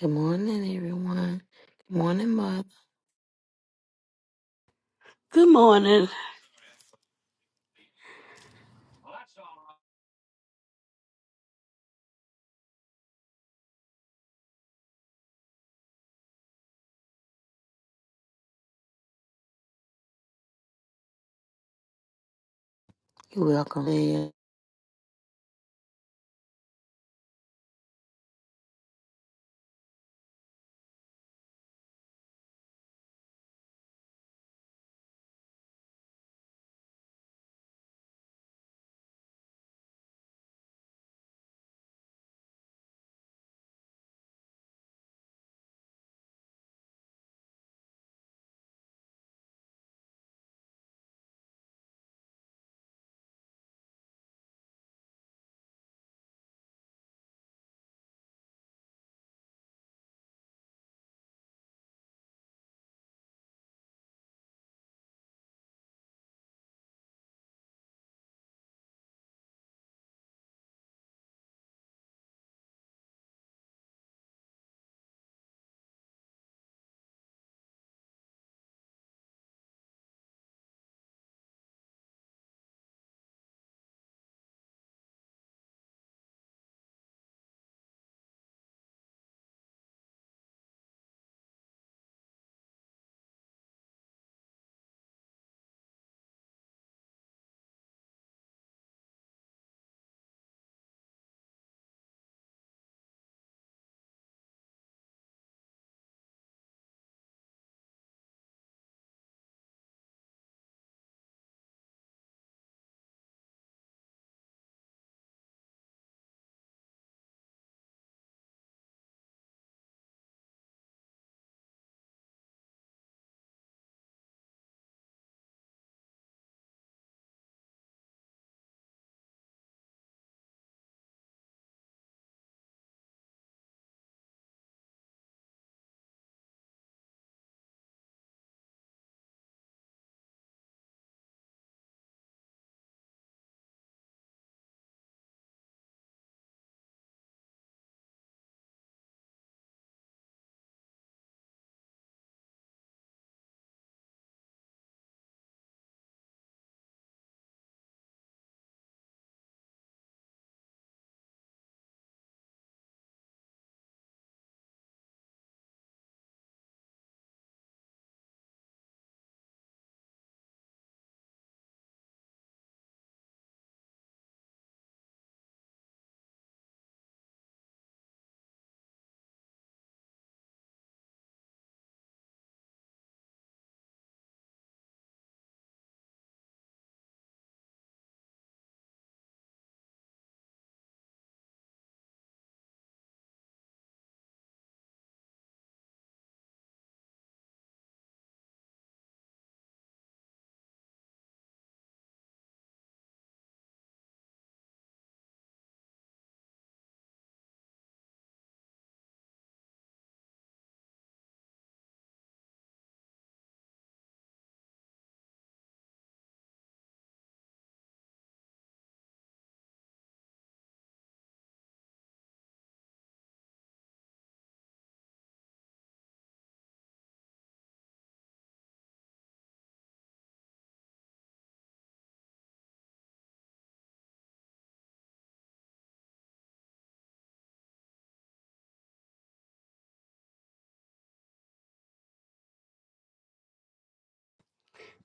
Good morning, everyone. Good morning, Mother. Good morning. You're welcome. in.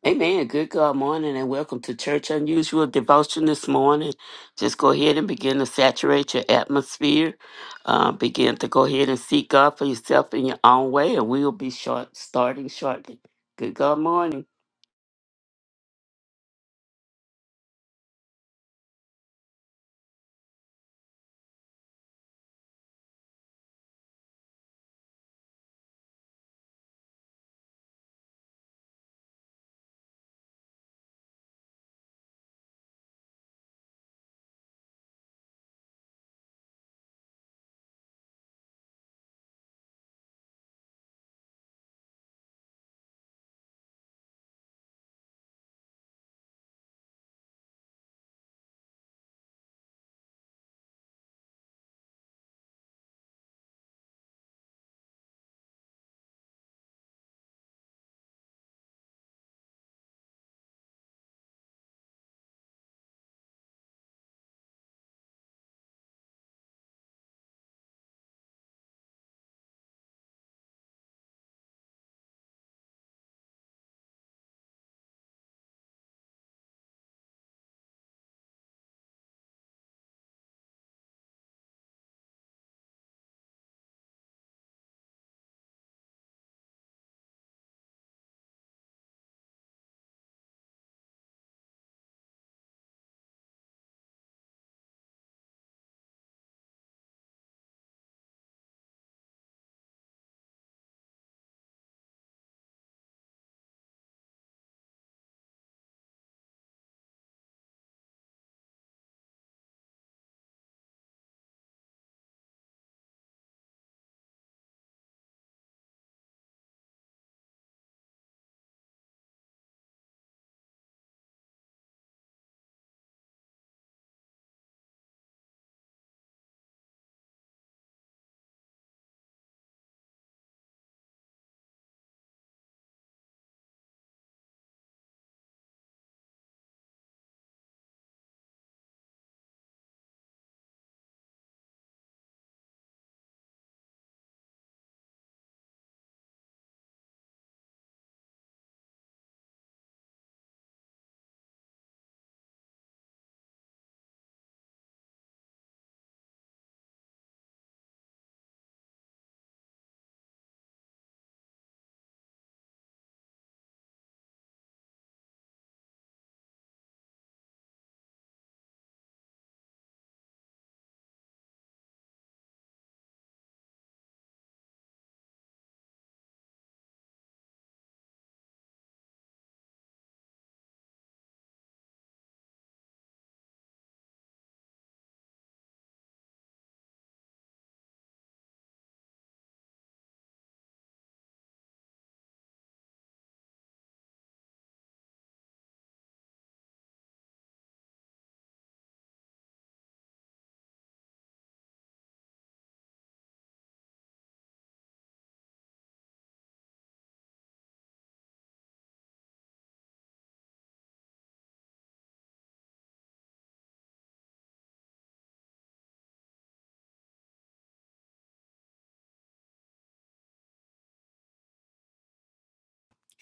Amen. Good God morning and welcome to Church Unusual Devotion this morning. Just go ahead and begin to saturate your atmosphere. Uh, begin to go ahead and seek God for yourself in your own way and we'll be short, starting shortly. Good God morning.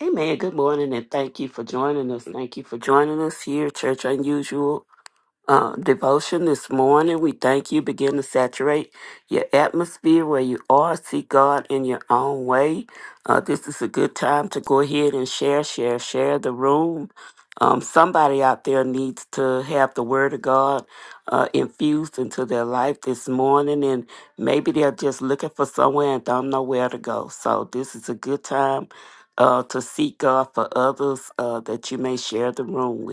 Amen. Good morning and thank you for joining us. Thank you for joining us here, Church Unusual um, devotion this morning. We thank you. Begin to saturate your atmosphere where you are. Seek God in your own way. Uh, this is a good time to go ahead and share, share, share the room. Um, somebody out there needs to have the Word of God uh, infused into their life this morning, and maybe they're just looking for somewhere and don't know where to go. So, this is a good time uh, to seek God for others uh, that you may share the room with.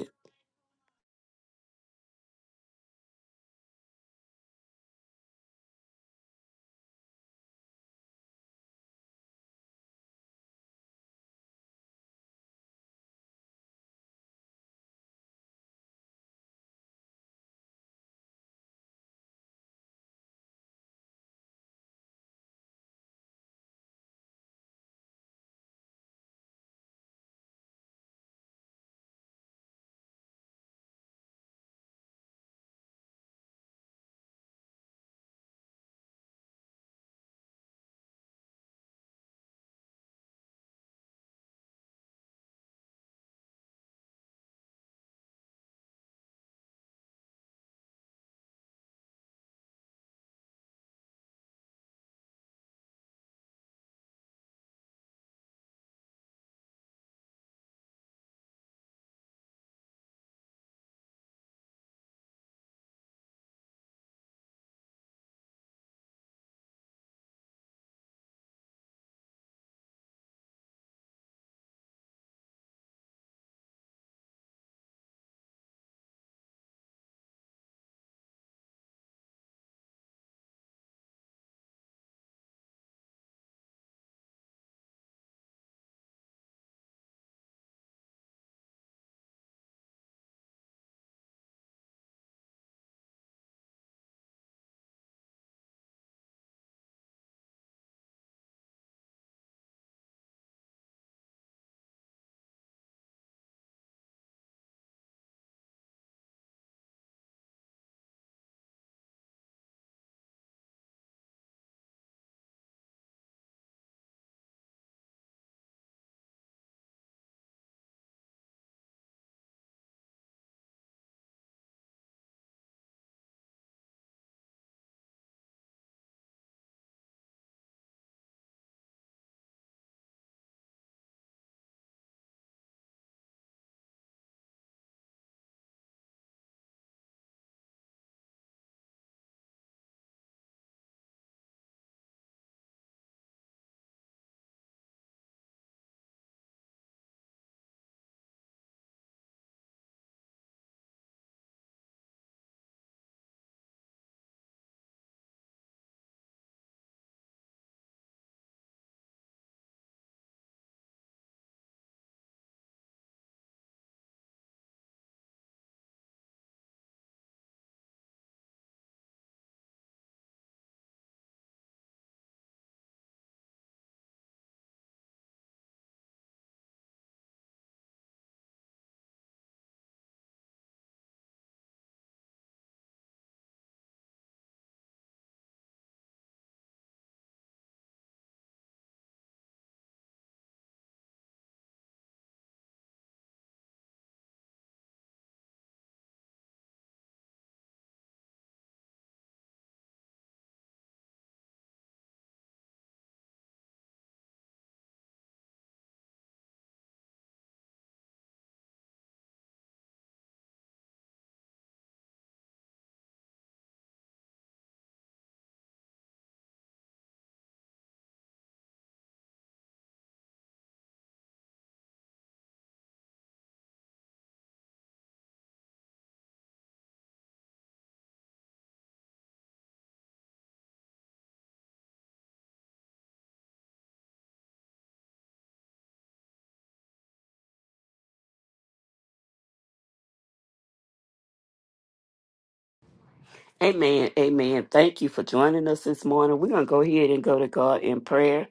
Amen. Amen. Thank you for joining us this morning. We're going to go ahead and go to God in prayer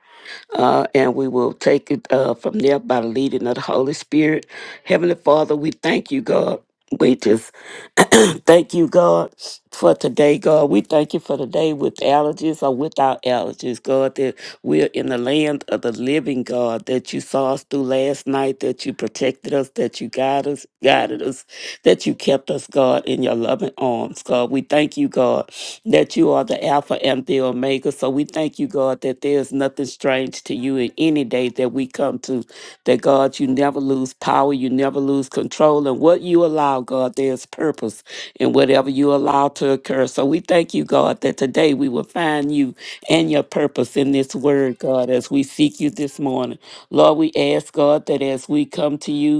uh, and we will take it uh, from there by the leading of the Holy Spirit. Heavenly Father, we thank you, God. We just thank you, God, for today, God. We thank you for today with allergies or without allergies, God, that we're in the land of the living, God, that you saw us through last night, that you protected us, that you guided us, guided us, that you kept us, God, in your loving arms, God. We thank you, God, that you are the Alpha and the Omega. So we thank you, God, that there is nothing strange to you in any day that we come to. That, God, you never lose power, you never lose control. And what you allow, God, there's purpose in whatever you allow to occur. So we thank you, God, that today we will find you and your purpose in this word, God, as we seek you this morning. Lord, we ask, God, that as we come to you,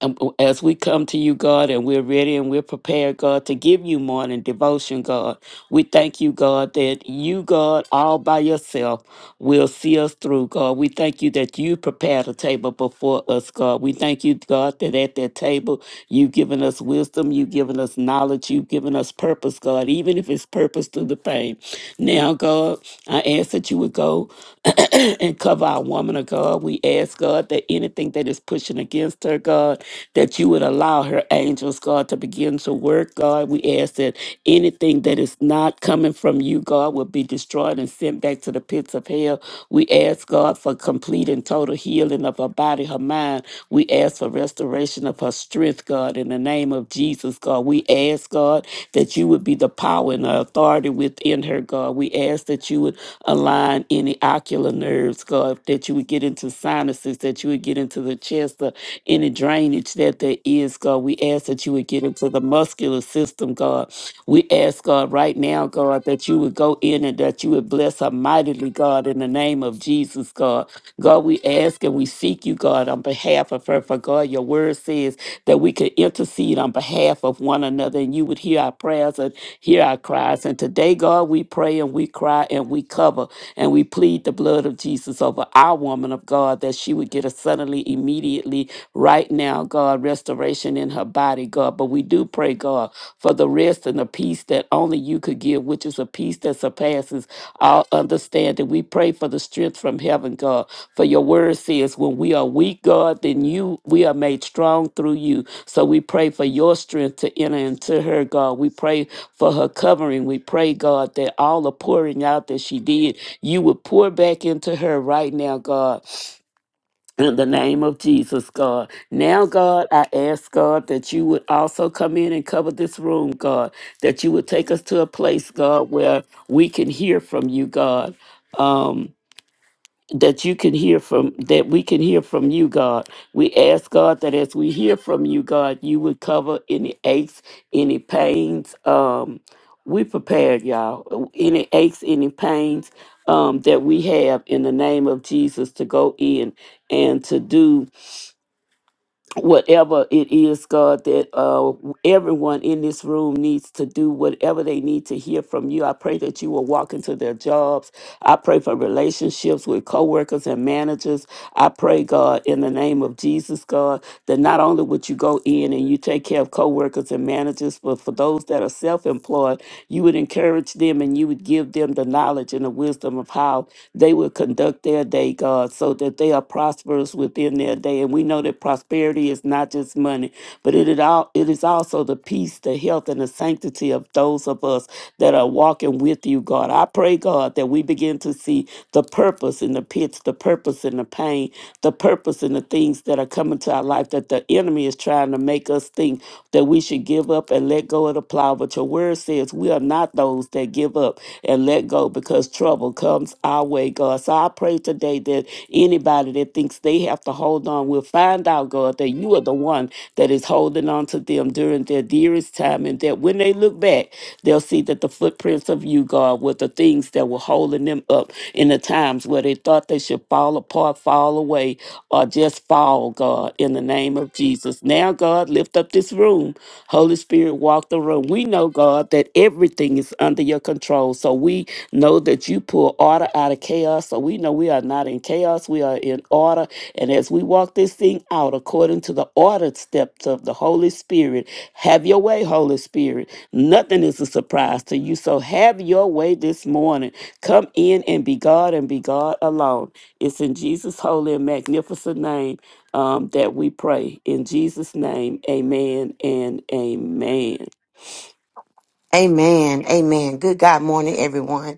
and w- as we come to you, God, and we're ready and we're prepared, God, to give you morning devotion, God, we thank you, God, that you, God, all by yourself will see us through, God. We thank you that you prepared a table before us, God. We thank you, God, that at that table you've given us wisdom, you've given us knowledge, you've given us purpose, God, even if it's purpose through the pain. Now, God, I ask that you would go and cover our woman of God. We ask, God, that anything that is pushing against her, God, that you would allow her angels, God, to begin to work, God. We ask that anything that is not coming from you, God, will be destroyed and sent back to the pits of hell. We ask, God, for complete and total healing of her body, her mind. We ask for restoration of her strength, God, in the name of Jesus, God. We ask, God, that you would be the power and the authority within her, God. We ask that you would align any ocular nerves, God, that you would get into sinuses, that you would get into the chest, the any drainage that there is, God. We ask that you would get into the muscular system, God. We ask, God, right now, God, that you would go in and that you would bless her mightily, God, in the name of Jesus, God. God, we ask and we seek you, God, on behalf of her. For God, your word says that we could intercede on behalf of one another and you would hear our prayers and hear our cries. And today, God, we pray and we cry and we cover and we plead the blood of Jesus over our woman of God that she would get a suddenly, immediately right now, God, restoration in her body, God. But we do pray, God, for the rest and the peace that only you could give, which is a peace that surpasses all understanding. We pray for the strength from heaven, God. For your word says, when we are weak, God, then you we are made strong through you. So we pray for your strength to enter into her, God. We pray for her covering. We pray, God, that all the pouring out that she did, you would pour back into her right now, God in the name of Jesus, God. Now, God, I ask, God, that you would also come in and cover this room, God, that you would take us to a place, God, where we can hear from you, God. Um, that you can hear from that we can hear from you god we ask god that as we hear from you god you would cover any aches any pains um we prepared y'all any aches any pains um that we have in the name of jesus to go in and to do whatever it is, God, that uh, everyone in this room needs to do, whatever they need to hear from you. I pray that you will walk into their jobs. I pray for relationships with coworkers and managers. I pray, God, in the name of Jesus, God that not only would you go in and you take care of coworkers and managers, but for those that are self-employed, you would encourage them and you would give them the knowledge and the wisdom of how they would conduct their day, God, so that they are prosperous within their day. And we know that prosperity is not just money, but it, it all it is also the peace, the health, and the sanctity of those of us that are walking with you, God. I pray, God, that we begin to see the purpose in the pits, the purpose in the pain, the purpose in the things that are coming to our life that the enemy is trying to make us think that we should give up and let go of the plow. But your word says we are not those that give up and let go because trouble comes our way, God. So I pray today that anybody that thinks they have to hold on will find out, God, that you are the one that is holding on to them during their dearest time, and that when they look back, they'll see that the footprints of you, God, were the things that were holding them up in the times where they thought they should fall apart, fall fall away or just fall, God, in the name of Jesus. Now, God, lift up this room. Holy Spirit, walk the room. We know, God, that everything is under your control. So we know that you pull order out of chaos. So we know we are not in chaos, we are in order. And as we walk this thing out according to the ordered steps of the Holy Spirit, have your way, Holy Spirit. Nothing is a surprise to you. So have your way this morning. Come in and be God and be God alone. It's in Jesus' holy and magnificent name um, that we pray. In Jesus' name, amen and amen. Amen. Amen. Good God morning, everyone.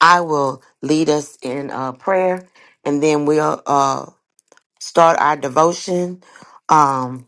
I will lead us in uh, prayer and then we'll uh, start our devotion. Um,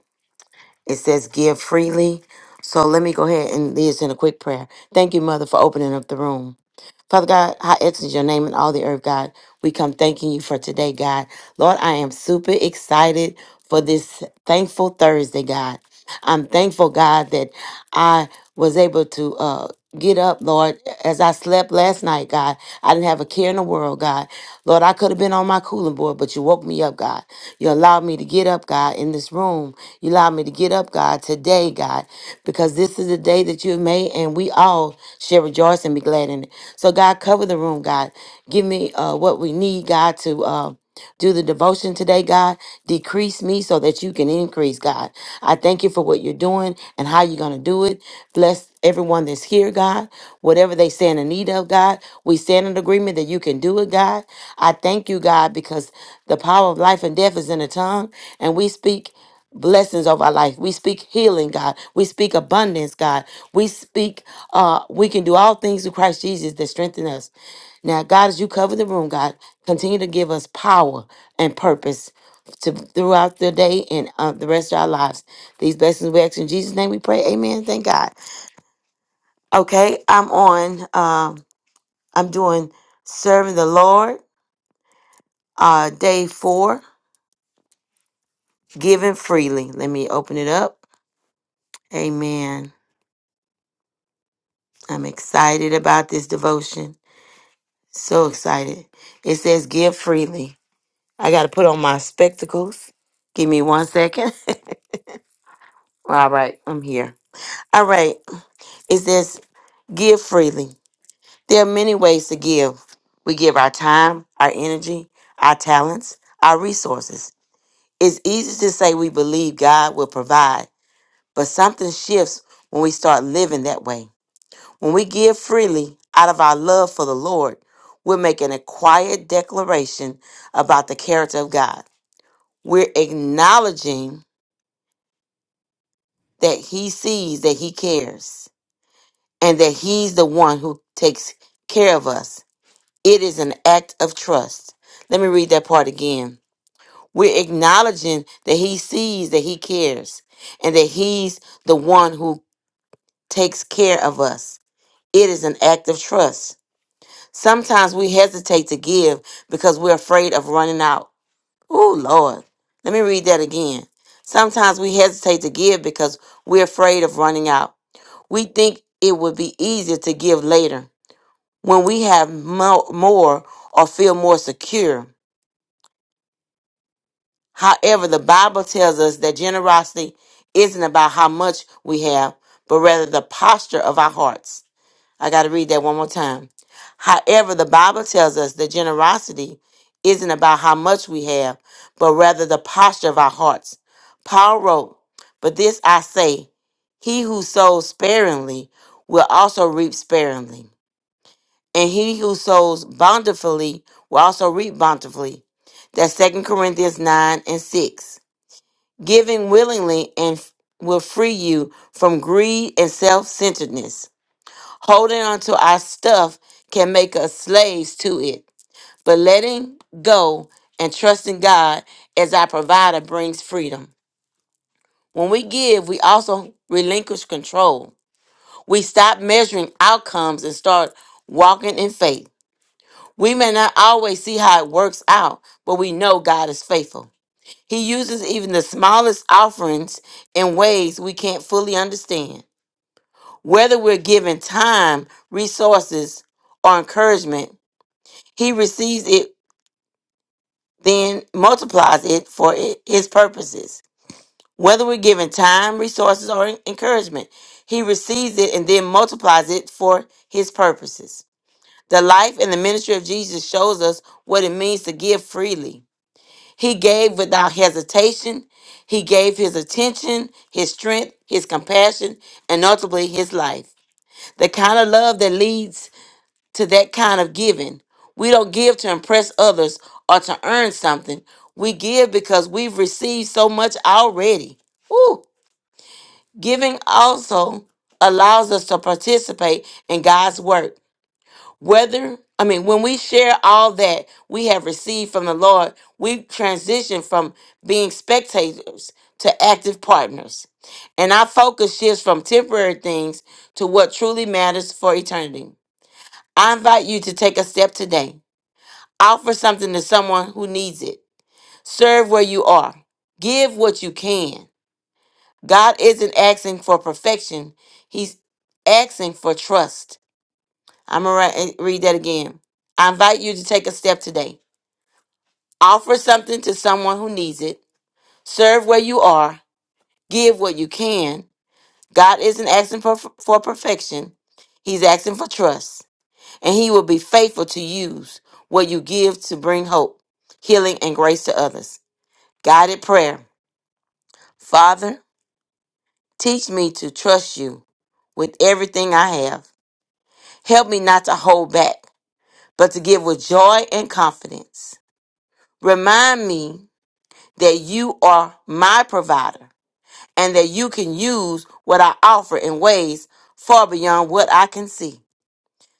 it says give freely. So let me go ahead and lead us in a quick prayer. Thank you, Mother, for opening up the room. Father God, how excellent is your name in all the earth, God. We come thanking you for today, God. Lord, I am super excited for this thankful Thursday, God. I'm thankful, God, that I was able to uh, get up, Lord, as I slept last night, God. I didn't have a care in the world, God. Lord, I could have been on my cooling board, but you woke me up, God. You allowed me to get up, God, in this room. You allowed me to get up, God, today, God, because this is the day that you have made, and we all shall rejoice and be glad in it. So, God, cover the room, God. Give me uh, what we need, God, to. Uh, do the devotion today, God. Decrease me so that you can increase, God. I thank you for what you're doing and how you're going to do it. Bless everyone that's here, God. Whatever they stand in need of, God, we stand in agreement that you can do it, God. I thank you, God, because the power of life and death is in the tongue, and we speak. Blessings of our life. We speak healing, God. We speak abundance, God. We speak, uh, we can do all things through Christ Jesus that strengthen us. Now, God, as you cover the room, God, continue to give us power and purpose to throughout the day and uh, the rest of our lives. These blessings we ask in Jesus' name. We pray. Amen. Thank God. Okay, I'm on. Um, I'm doing serving the Lord. Uh, day four, giving freely. Let me open it up. Amen. I'm excited about this devotion. So excited. It says, "Give freely." I got to put on my spectacles. Give me one second. All right, I'm here. All right, it says give freely. There are many ways to give. We give our time, our energy, our talents, our resources. It's easy to say we believe God will provide, but something shifts when we start living that way. When we give freely out of our love for the Lord, we're making a quiet declaration about the character of God. We're acknowledging that He sees, that He cares and that He's the one who takes care of us. It is an act of trust. Let me read that part again. We're acknowledging that He sees, that He cares, and that He's the one who takes care of us. It is an act of trust. Sometimes we hesitate to give because we're afraid of running out. Oh, Lord. Let me read that again. Sometimes we hesitate to give because we're afraid of running out. We think it would be easier to give later when we have mo- more or feel more secure. However, the Bible tells us that generosity isn't about how much we have, but rather the posture of our hearts. I got to read that one more time. However, the Bible tells us that generosity isn't about how much we have, but rather the posture of our hearts. Paul wrote, But this I say, he who sows sparingly will also reap sparingly and he who sows bountifully will also reap bountifully. That's Second Corinthians 9 and 6. Giving willingly and f- will free you from greed and self centeredness. Holding onto our stuff can make us slaves to it, but letting go and trusting God as our provider brings freedom. When we give, we also relinquish control. We stop measuring outcomes and start walking in faith. We may not always see how it works out, but we know God is faithful. He uses even the smallest offerings in ways we can't fully understand. Whether we're given time, resources, or encouragement, He receives it, then multiplies it for i- His purposes. Whether we're given time, resources, or en- encouragement, He receives it and then multiplies it for His purposes. The life and the ministry of Jesus shows us what it means to give freely He gave without hesitation. He gave his attention, his strength, his compassion, and ultimately his life. The kind of love that leads to that kind of giving. We don't give to impress others or to earn something. We give because we've received so much already. Ooh, giving also allows us to participate in God's work whether i mean when we share all that we have received from the lord we transition from being spectators to active partners and our focus shifts from temporary things to what truly matters for eternity i invite you to take a step today offer something to someone who needs it serve where you are give what you can god isn't asking for perfection he's asking for trust I'm going to read that again. I invite you to take a step today. Offer something to someone who needs it. Serve where you are. Give what you can. God isn't asking for, for perfection, He's asking for trust. And He will be faithful to use what you give to bring hope, healing, and grace to others. Guided prayer Father, teach me to trust you with everything I have. Help me not to hold back, but to give with joy and confidence. Remind me that you are my provider and that you can use what I offer in ways far beyond what I can see.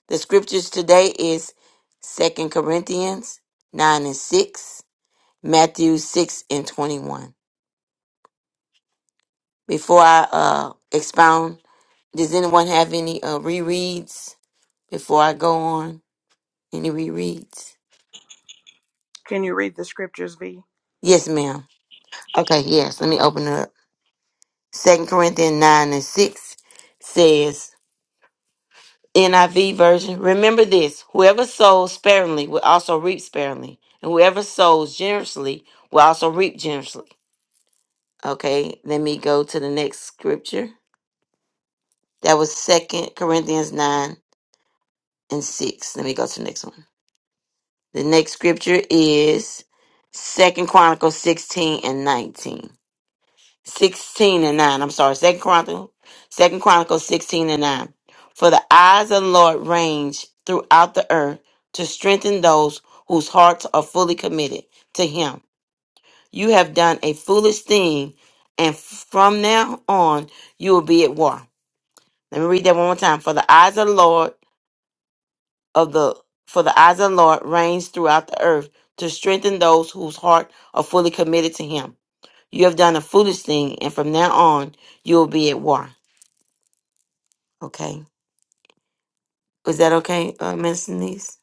The scriptures today is Second Corinthians 9 and 6, Matthew 6 and 21. Before I uh, expound, does anyone have any uh, rereads before I go on? Any rereads? Can you read the scriptures, V? Yes, ma'am. Okay, yes, let me open it up. Second Corinthians 9 and 6 says, NIV version. Remember this whoever sows sparingly will also reap sparingly, and whoever sows generously will also reap generously. Okay, let me go to the next scripture. That was Second Corinthians 9 and 6. Let me go to the next one. The next scripture is Second Chronicles 16 and 19. 16 and 9. I'm sorry, Second Chronicles, Second Chronicles 16 and 9. For the eyes of the Lord range throughout the earth to strengthen those whose hearts are fully committed to him. You have done a foolish thing, and from now on you will be at war. Let me read that one more time. For the eyes of the Lord of the for the eyes of the Lord range throughout the earth to strengthen those whose heart are fully committed to him. You have done a foolish thing, and from now on you will be at war. Okay. Is that okay, uh, Miss Denise?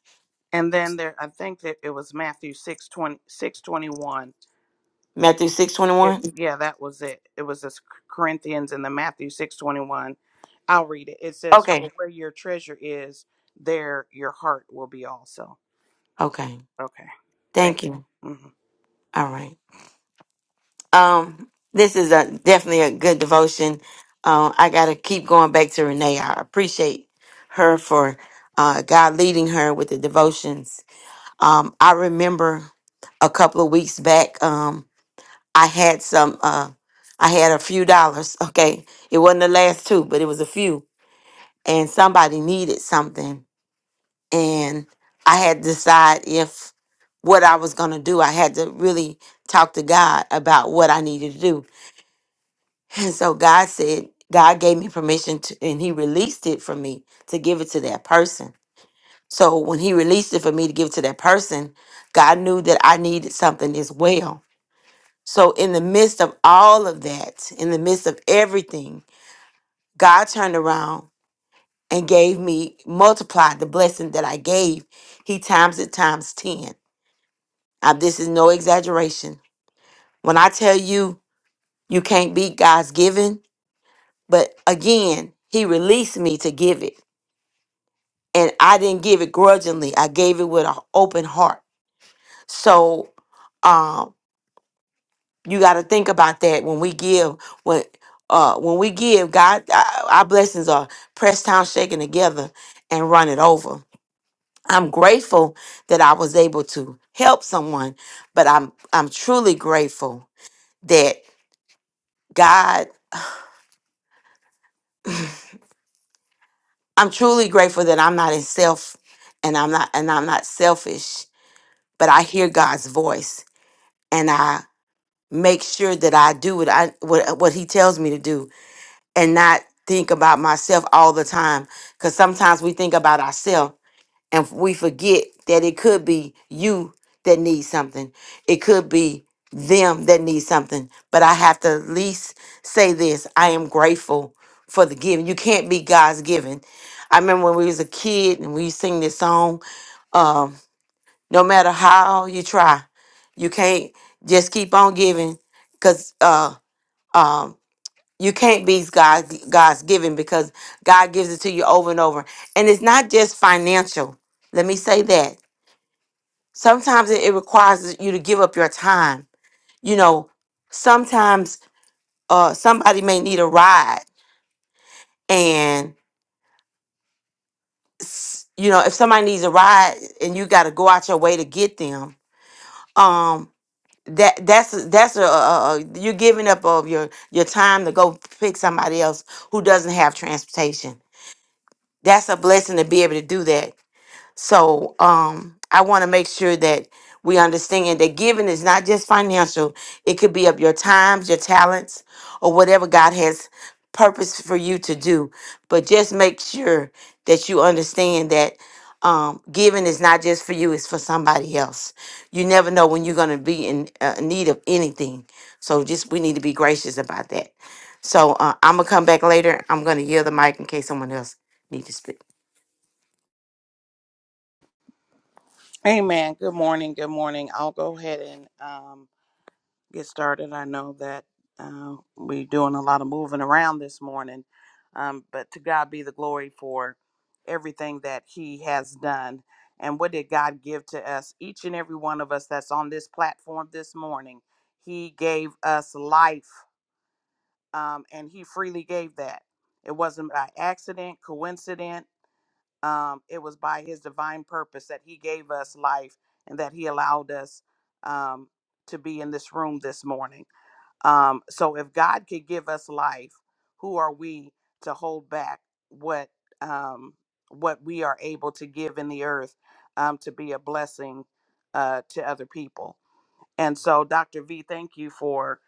And then there, I think that it was Matthew six twenty six twenty one. Matthew six twenty It, one. yeah, that was it. It was this Corinthians and the Matthew 621. I'll read it. It says, Okay. For where your treasure is, there your heart will be also. Okay. Okay. Thank Thank you. you. Mhm. All right. Um, this is a definitely a good devotion. Uh, I gotta keep going back to Renee. I appreciate her for uh, God leading her with the devotions. Um, I remember a couple of weeks back. Um, I had some. Uh, I had a few dollars. Okay, it wasn't the last two, but it was a few, and somebody needed something and I had to decide if what I was going to do. I had to really talk to God about what I needed to do. And so God said, God gave me permission to, and He released it for me to give it to that person. So when He released it for me to give it to that person, God knew that I needed something as well. So in the midst of all of that, in the midst of everything, God turned around and gave me, multiplied the blessing that I gave. He times it times 10. I, this is no exaggeration. When I tell you you can't beat God's giving, but again, He released me to give it, and I didn't give it grudgingly. I gave it with an open heart. So um, you got to think about that when we give. When uh, when we give, God, our our blessings are pressed down, shaken together, and run it over. I'm grateful that I was able to help someone, but I'm I'm truly grateful that God. I'm truly grateful that I'm not in self and I'm not and I'm not selfish, but I hear God's voice and I make sure that I do what I what what he tells me to do and not think about myself all the time cuz sometimes we think about ourselves and we forget that it could be you that needs something. It could be them that need something. But I have to at least say this. I am grateful for the giving. You can't be God's giving. I remember when we was a kid and we sing this song, um, no matter how you try, you can't just keep on giving because uh um you can't be God God's giving because God gives it to you over and over. And it's not just financial. Let me say that sometimes it, it requires you to give up your time you know sometimes uh somebody may need a ride and s- you know if somebody needs a ride and you got to go out your way to get them um that that's a- that's a, a, a you're giving up of your your time to go pick somebody else who doesn't have transportation that's a blessing to be able to do that So um, I want to make sure that we understand that giving is not just financial, it could be of your times, your talents, or whatever God has purpose for you to do. But just make sure that you understand that um, giving is not just for you, it's for somebody else. You never know when you're going to be in uh, need of anything. So just we need to be gracious about that. So uh, I'm going to come back later. I'm going to yield the mic in case someone else needs to speak. Amen. Good morning. Good morning. I'll go ahead and um, get started. I know that uh, we're doing a lot of moving around this morning, um, but to God be the glory for everything that He has done. And what did God give to us, each and every one of us that's on this platform this morning? He gave us life, um, and He freely gave that. It wasn't by accident, coincidence. Um, it was by His divine purpose that He gave us life and that He allowed us um, to be in this room this morning. Um, so if God could give us life, who are we to hold back what um, what we are able to give in the earth um, to be a blessing uh, to other people? And so, Dr. V, thank you for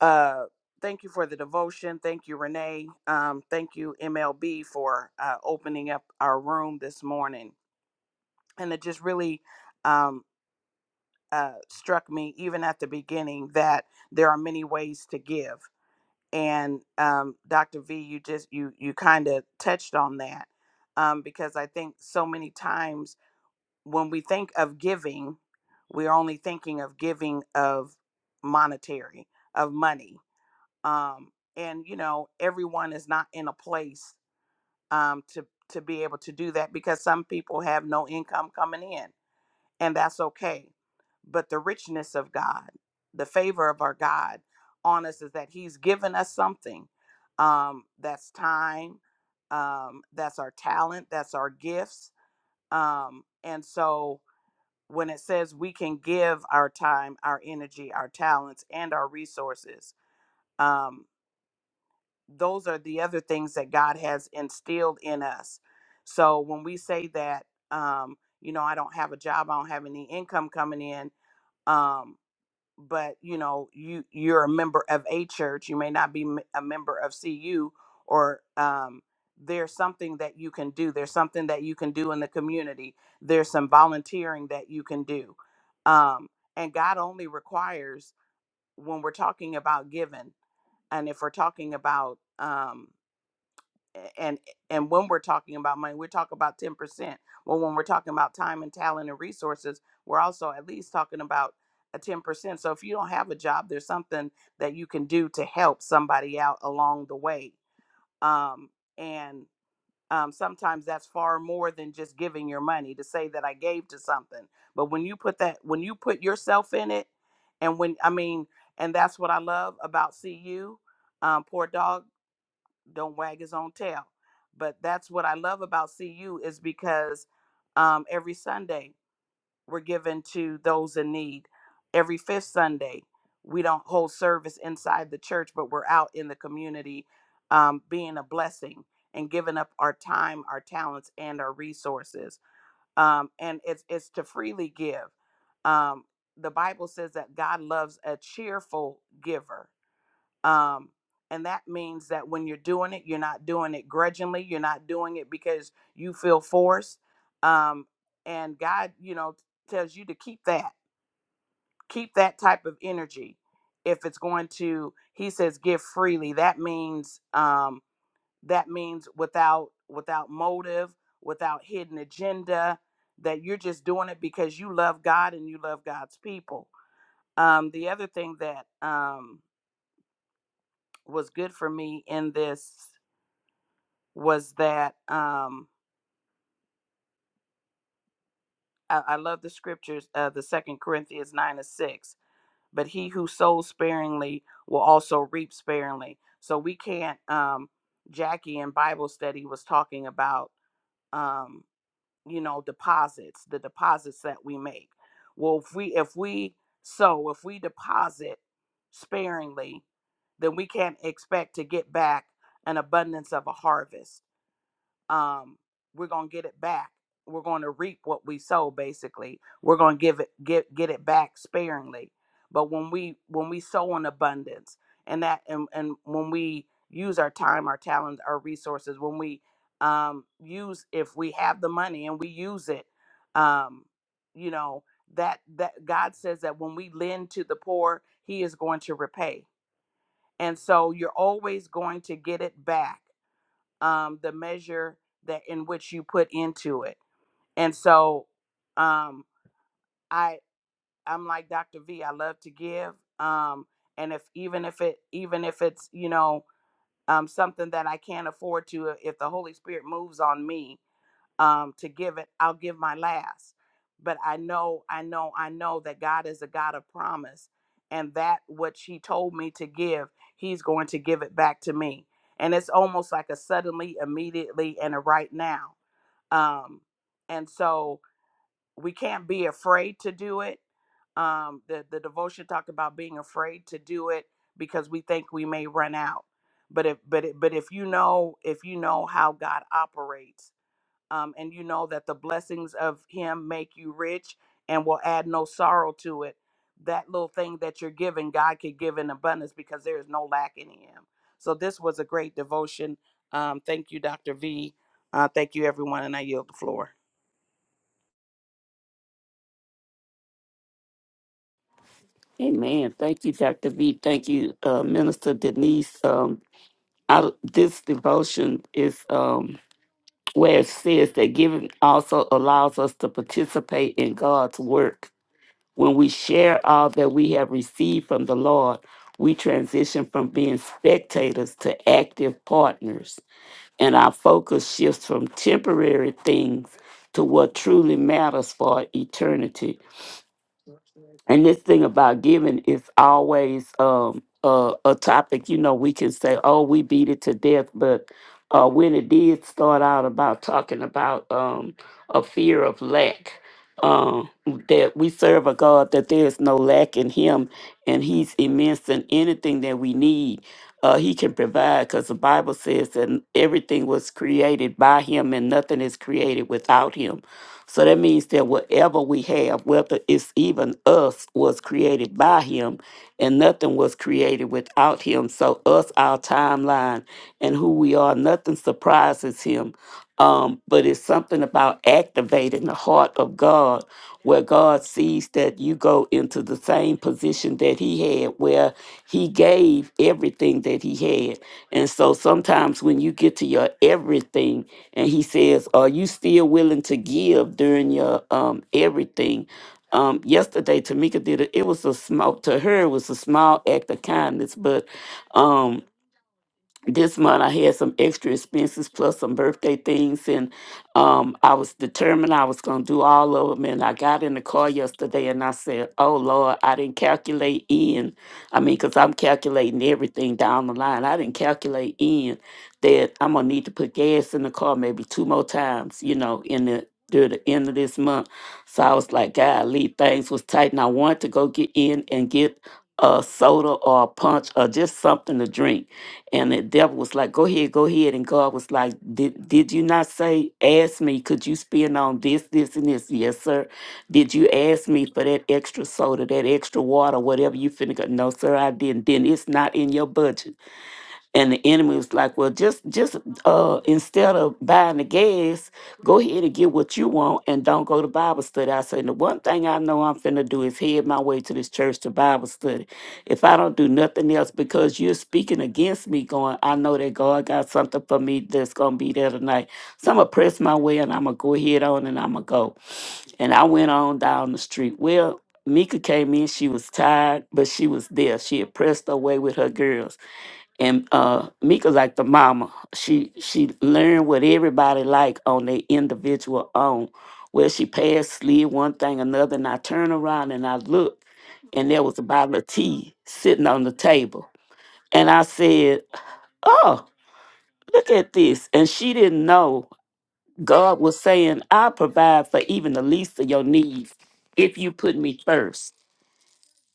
uh, thank you for the devotion. Thank you, Renee. Um, thank you, MLB, for uh, opening up our room this morning. And it just really um, uh, struck me, even at the beginning, that there are many ways to give and um, dr v you just you you kind of touched on that um, because i think so many times when we think of giving we're only thinking of giving of monetary of money um, and you know everyone is not in a place um, to to be able to do that because some people have no income coming in and that's okay. But the richness of God, the favor of our God on us is that He's given us something. Um, that's time, um, that's our talent, that's our gifts. Um, and so when it says we can give our time, our energy, our talents, and our resources, um, those are the other things that God has instilled in us. So when we say that, um, you know, I don't have a job, I don't have any income coming in, um but you know you you're a member of a church you may not be m- a member of cu or um there's something that you can do there's something that you can do in the community there's some volunteering that you can do um and god only requires when we're talking about giving and if we're talking about um and and when we're talking about money, we're talking about ten percent. Well, when we're talking about time and talent and resources, we're also at least talking about a ten percent. So if you don't have a job, there's something that you can do to help somebody out along the way. Um, and um, sometimes that's far more than just giving your money to say that I gave to something. But when you put that, when you put yourself in it, and when I mean, and that's what I love about CU, um, poor dog don't wag his own tail. But that's what I love about CU is because um, every Sunday we're given to those in need. Every fifth Sunday we don't hold service inside the church, but we're out in the community um, being a blessing and giving up our time, our talents, and our resources. Um, and it's it's to freely give. Um, the Bible says that God loves a cheerful giver um, and that means that when you're doing it, you're not doing it grudgingly. You're not doing it because you feel forced. Um, and God, you know, tells you to keep that, keep that type of energy. If it's going to, He says, give freely. That means, um, that means without without motive, without hidden agenda. That you're just doing it because you love God and you love God's people. Um, the other thing that um, was good for me in this was that um, I, I love the scriptures, uh, the Second Corinthians nine and six. But he who sows sparingly will also reap sparingly. So we can't. Um, Jackie in Bible study was talking about, um, you know, deposits, the deposits that we make. Well, if we if we sow, if we deposit sparingly, then we can't expect to get back an abundance of a harvest um, we're gonna get it back. We're going to reap what we sow. Basically, we're gonna give it get get it back sparingly. But when we when we sow in abundance, and that and and when we use our time, our talents, our resources, when we um, use if we have the money and we use it, um, you know that that God says that when we lend to the poor, He is going to repay, and so you're always going to get it back um, the measure that in which you put into it. And so um, I I'm like Dr. V. I love to give, um, and if even if it even if it's you know um, something that I can't afford to, if the Holy Spirit moves on me, um, to give it. I'll give my last. But I know, I know, I know that God is a God of promise. And that which He told me to give, He's going to give it back to me. And it's almost like a suddenly, immediately, and a right now. Um, and so we can't be afraid to do it. Um, the, the devotion talked about being afraid to do it because we think we may run out. But if but it, but if you know if you know how God operates um, and you know that the blessings of him make you rich and will add no sorrow to it that little thing that you're giving god could give in abundance because there is no lack in him so this was a great devotion um, thank you dr v uh, thank you everyone and i yield the floor Amen. Thank you, Dr. V. Thank you, uh, Minister Denise. Um, I, this devotion is um, where it says that giving also allows us to participate in God's work. When we share all that we have received from the Lord, we transition from being spectators to active partners. and our focus shifts from temporary things to what truly matters for eternity. And this thing about giving is always um, a, a topic, you know, we can say, oh, we beat it to death. But uh, when it did start out about talking about um, a fear of lack, um, that we serve a God that there is no lack in Him and He's immense in anything that we need. Uh, he can provide because the Bible says that everything was created by Him and nothing is created without Him. So that means that whatever we have, whether it's even us, was created by him and nothing was created without him. So us, our timeline and who we are, nothing surprises him. Um, but it's something about activating the heart of God where God sees that you go into the same position that he had where he gave everything that he had. And so sometimes when you get to your everything, and he says, "Are you still willing to give during your um everything?" Um, yesterday, Tamika did it. It was a small to her. It was a small act of kindness, but um, this month I had some extra expenses plus some birthday things, and um, I was determined I was going to do all of them. And I got in the car yesterday and I said, Oh Lord, I didn't calculate in. I mean, because I'm calculating everything down the line. I didn't calculate in that I'm going to need to put gas in the car maybe two more times, you know, in the through the end of this month. So I was like, God, Lee, things was tight. And I wanted to go get in and get a soda or a punch or just something to drink and the devil was like, Go ahead, go ahead. And God was like, Did did you not say, ask me, could you spend on this, this, and this? Yes, sir. Did you ask me for that extra soda, that extra water, whatever you finna go? No, sir, I didn't. Then it's not in your budget and the enemy was like, "Well, just just uh, instead of buying the gas, go ahead and get what you want, and don't go to Bible study." I said, "The one thing I know I'm finna do is head my way to this church to Bible study. If I don't do nothing else, because you're speaking against me, going, I know that God got something for me that's gonna be there tonight. So I'm gonna press my way, and I'm gonna go ahead on, and I'm gonna go." And I went on down the street. Well. Mika came in, she was tired, but she was there. She had pressed her way with her girls and uh Mika like the mama. She she learned what everybody like on their individual own. Well, she passed slid one thing another, and I turned around and I looked, and there was a bottle of tea sitting on the table. And I said, Oh, look at this. And she didn't know God was saying, I provide for even the least of your needs if you put me first."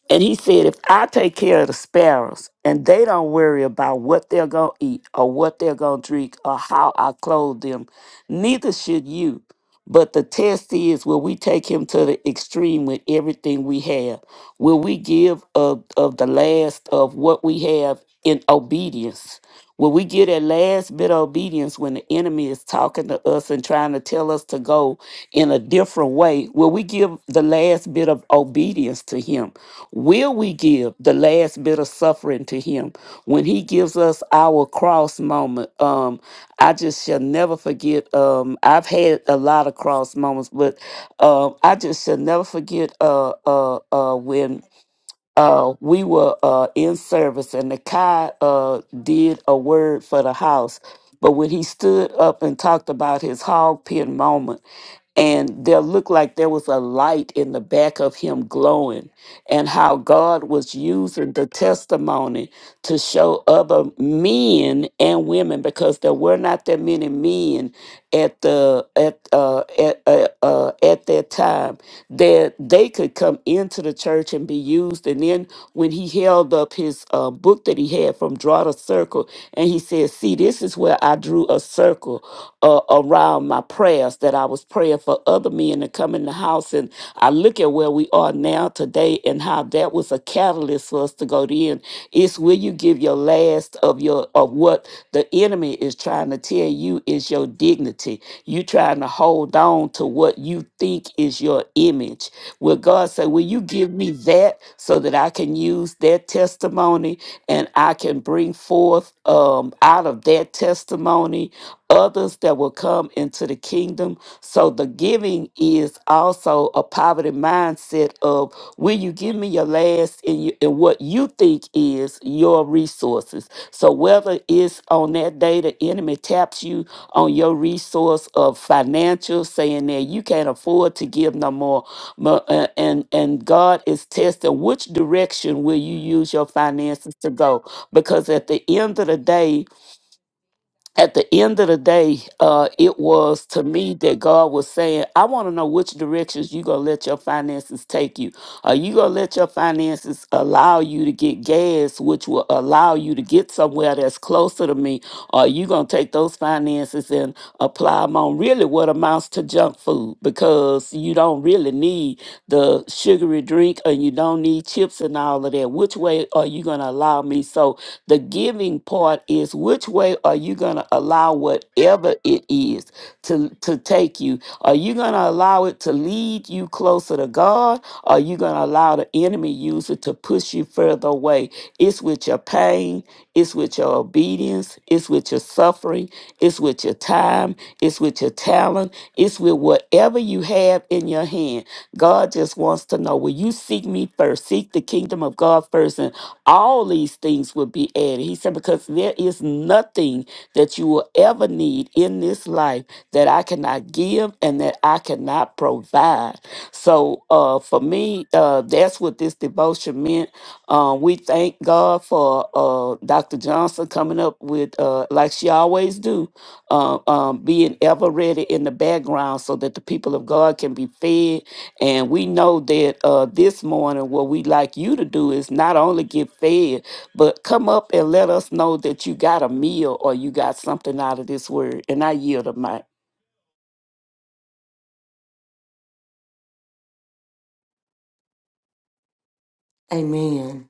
And he said, if I take care of the sparrows and they don't worry about what they're going to eat or what they're going to drink or how I clothe them, neither should you. But the test is will we take him to the extreme with everything we have? Will we give of, of the last of what we have in obedience? Will we give that last bit of obedience when the enemy is talking to us and trying to tell us to go in a different way? Will we give the last bit of obedience to him? Will we give the last bit of suffering to him when he gives us our cross moment? Um, I just shall never forget. Um, I've had a lot of cross moments, but um, I just shall never forget. Uh, uh, uh, when uh, we were uh, in service, and the guy uh, did a word for the house. But when he stood up and talked about his hog pen moment, and there looked like there was a light in the back of him glowing, and how God was using the testimony to show other men and women, because there were not that many men at the at uh at uh, uh at that time that they could come into the church and be used and then when he held up his uh, book that he had from draw a circle and he said see this is where i drew a circle uh." around my prayers that I was praying for other men to come in the house. And I look at where we are now today and how that was a catalyst for us to go to end. It's where you give your last of your of what the enemy is trying to tell you is your dignity. You trying to hold on to what you think is your image. Where God said, Will you give me that so that I can use that testimony and I can bring forth um, out of that testimony? others that will come into the kingdom. So the giving is also a poverty mindset of will you give me your last and, you, and what you think is your resources. So whether it's on that day the enemy taps you on your resource of financial, saying that you can't afford to give no more, mo- uh, and and God is testing which direction will you use your finances to go? Because at the end of the day, at the end of the day, uh, it was to me that God was saying, I want to know which directions you're going to let your finances take you. Are you going to let your finances allow you to get gas, which will allow you to get somewhere that's closer to me? Or are you going to take those finances and apply them on really what amounts to junk food? Because you don't really need the sugary drink and you don't need chips and all of that. Which way are you going to allow me? So the giving part is which way are you going to allow whatever it is to, to take you? Are you going to allow it to lead you closer to God? Are you going to allow the enemy user to push you further away? It's with your pain, it's with your obedience, it's with your suffering, it's with your time, it's with your talent, it's with whatever you have in your hand. God just wants to know will you seek me first? Seek the kingdom of God first and all these things will be added. He said, Because there is nothing that you will ever need in this life that I cannot give and that I cannot provide. So uh, for me, uh, that's what this devotion meant. Um, we thank God for uh, Dr. Johnson coming up with, uh, like she always do, uh, um, being ever ready in the background so that the people of God can be fed and we know that uh, this morning, what we like you to do is not only get fed, but come up and let us know that you got a meal or you got something out of this word. And I yield a mic. Amen.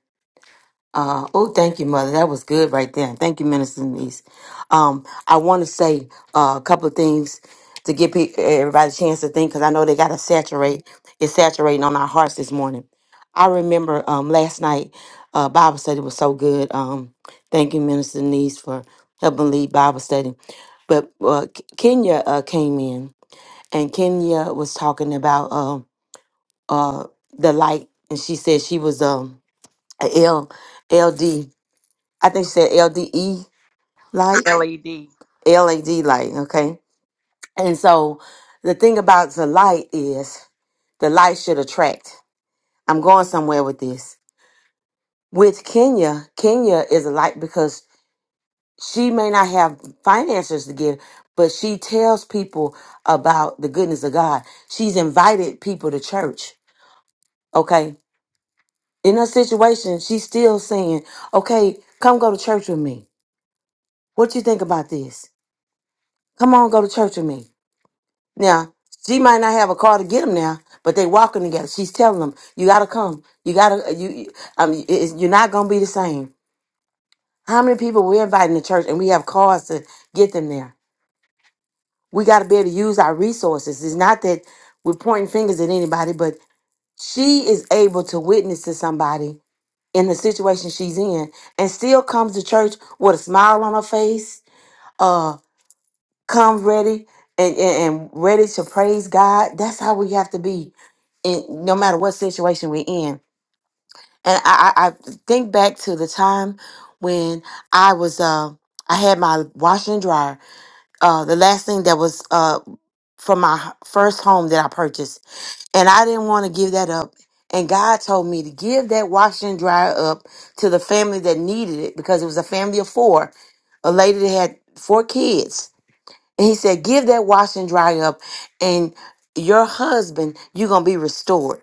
Uh, oh, thank you, Mother. That was good right there. Thank you, Minister Denise. Um, I want to say uh, a couple of things to give pe- everybody a chance to think because I know they got to saturate. It's saturating on our hearts this morning. I remember um, last night, uh, Bible study was so good. Um, thank you, Minister Denise, for helping lead Bible study. But uh, K- Kenya uh, came in, and Kenya was talking about uh, uh, the light, and she said she was um, a L- LD. I think she said LDE light, led LAD light, okay? And so the thing about the light is the light should attract. I'm going somewhere with this. With Kenya, Kenya is a light because she may not have finances to give, but she tells people about the goodness of God. She's invited people to church, okay? In her situation, she's still saying, okay, come go to church with me. What you think about this? Come on, go to church with me Now, she might not have a car to get him now, but they walking together. She's telling him, "You gotta come. You gotta. uh, You. you- Um. it- it's- You're not gonna be the same." How many people we're inviting to church and we have cars to get them there? We gotta be able to use our resources. It's not that we're pointing fingers at anybody, but she is able to witness to somebody in the situation she's in and still comes to church with a smile on her face. uh, come ready and, and, and ready to praise God. That's how we have to be in no matter what situation we're in. And I, I, I think back to the time when I was uh, I had my washer and dryer. Uh, the last thing that was uh, from my h- first home that I purchased, and I didn't want to give that up. And God told me to give that washer and dryer up to the family that needed it because it was a family of four. A lady that had four kids and he said, Give that wash and dry up, and your husband, you're going to be restored.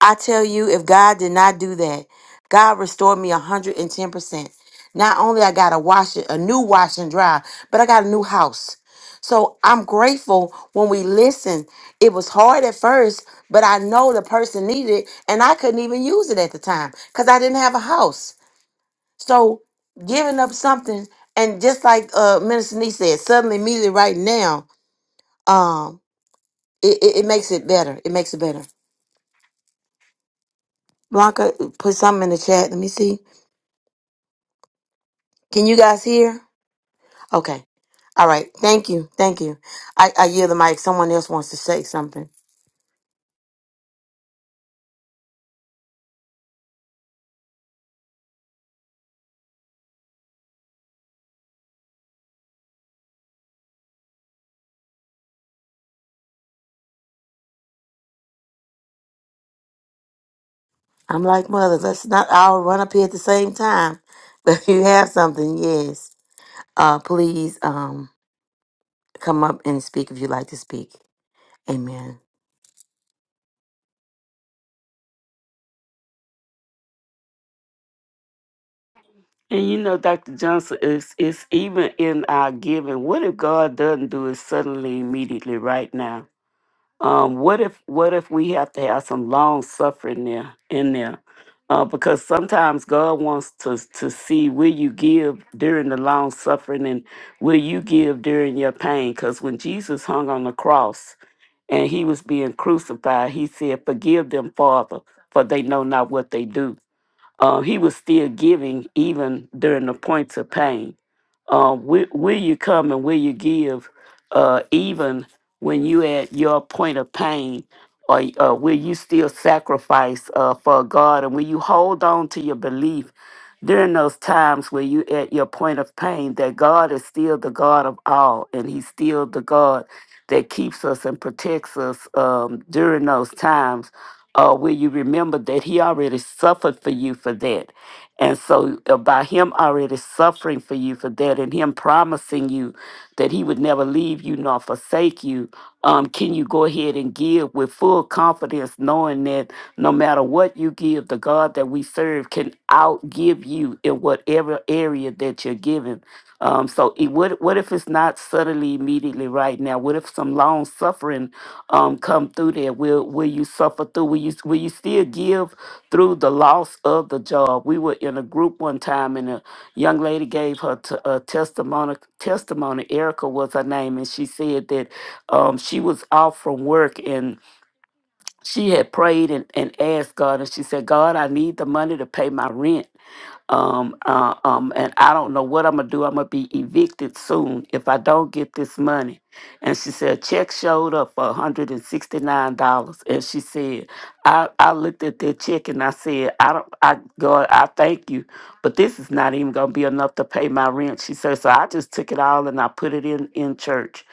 I tell you, if God did not do that, God restored me 110%. Not only I got a wash, a new wash and dry, but I got a new house. So I'm grateful when we listen. It was hard at first, but I know the person needed it, and I couldn't even use it at the time because I didn't have a house. So giving up something, and just like uh, Minister Nee said, suddenly, immediately, right now, um, it, it, it makes it better. It makes it better. Blanca, put something in the chat. Let me see. Can you guys hear? Okay. All right. Thank you. Thank you. I, I yield the mic. Someone else wants to say something. I'm like, mother, let's not all run up here at the same time. But if you have something, yes, uh, please um, come up and speak if you'd like to speak. Amen. And you know, Dr. Johnson, it's, it's even in our giving. What if God doesn't do it suddenly, immediately, right now? Um, what if what if we have to have some long suffering there in there? Uh, because sometimes God wants to to see will you give during the long suffering and will you give during your pain? Because when Jesus hung on the cross and he was being crucified, he said, "Forgive them, Father, for they know not what they do." Uh, he was still giving even during the points of pain. Uh, will, will you come and will you give uh, even when you at your point of pain? Or uh, will you still sacrifice uh, for God? And will you hold on to your belief during those times where you at your point of pain that God is still the God of all and He's still the God that keeps us and protects us um, during those times? uh, will you remember that he already suffered for you for that? And so, uh, by him already suffering for you for that and him promising you that he would never leave you nor forsake you, um, can you go ahead and give with full confidence, knowing that no matter what you give, the God that we serve can outgive you in whatever area that you're giving? Um, so, it, what, what if it's not suddenly, immediately, right now? What if some long suffering? um come through there? Will will you suffer through? Will you will you still give through the loss of the job? We were in a group one time, and a young lady gave her t- a testimony. Testimony. Erica was her name, and she said that um she was off from work and she had prayed and, and asked God, and she said, God, I need the money to pay my rent. Um, uh, um, and I don't know what I'm gonna do. I'm gonna be evicted soon if I don't get this money. And she said, a check showed up for $169. And sixty nine dollars. And she said, I, I looked at that check and I said, I don't, I God, I thank you, but this is not even gonna be enough to pay my rent. She said, so I just took it all and I put it in in church.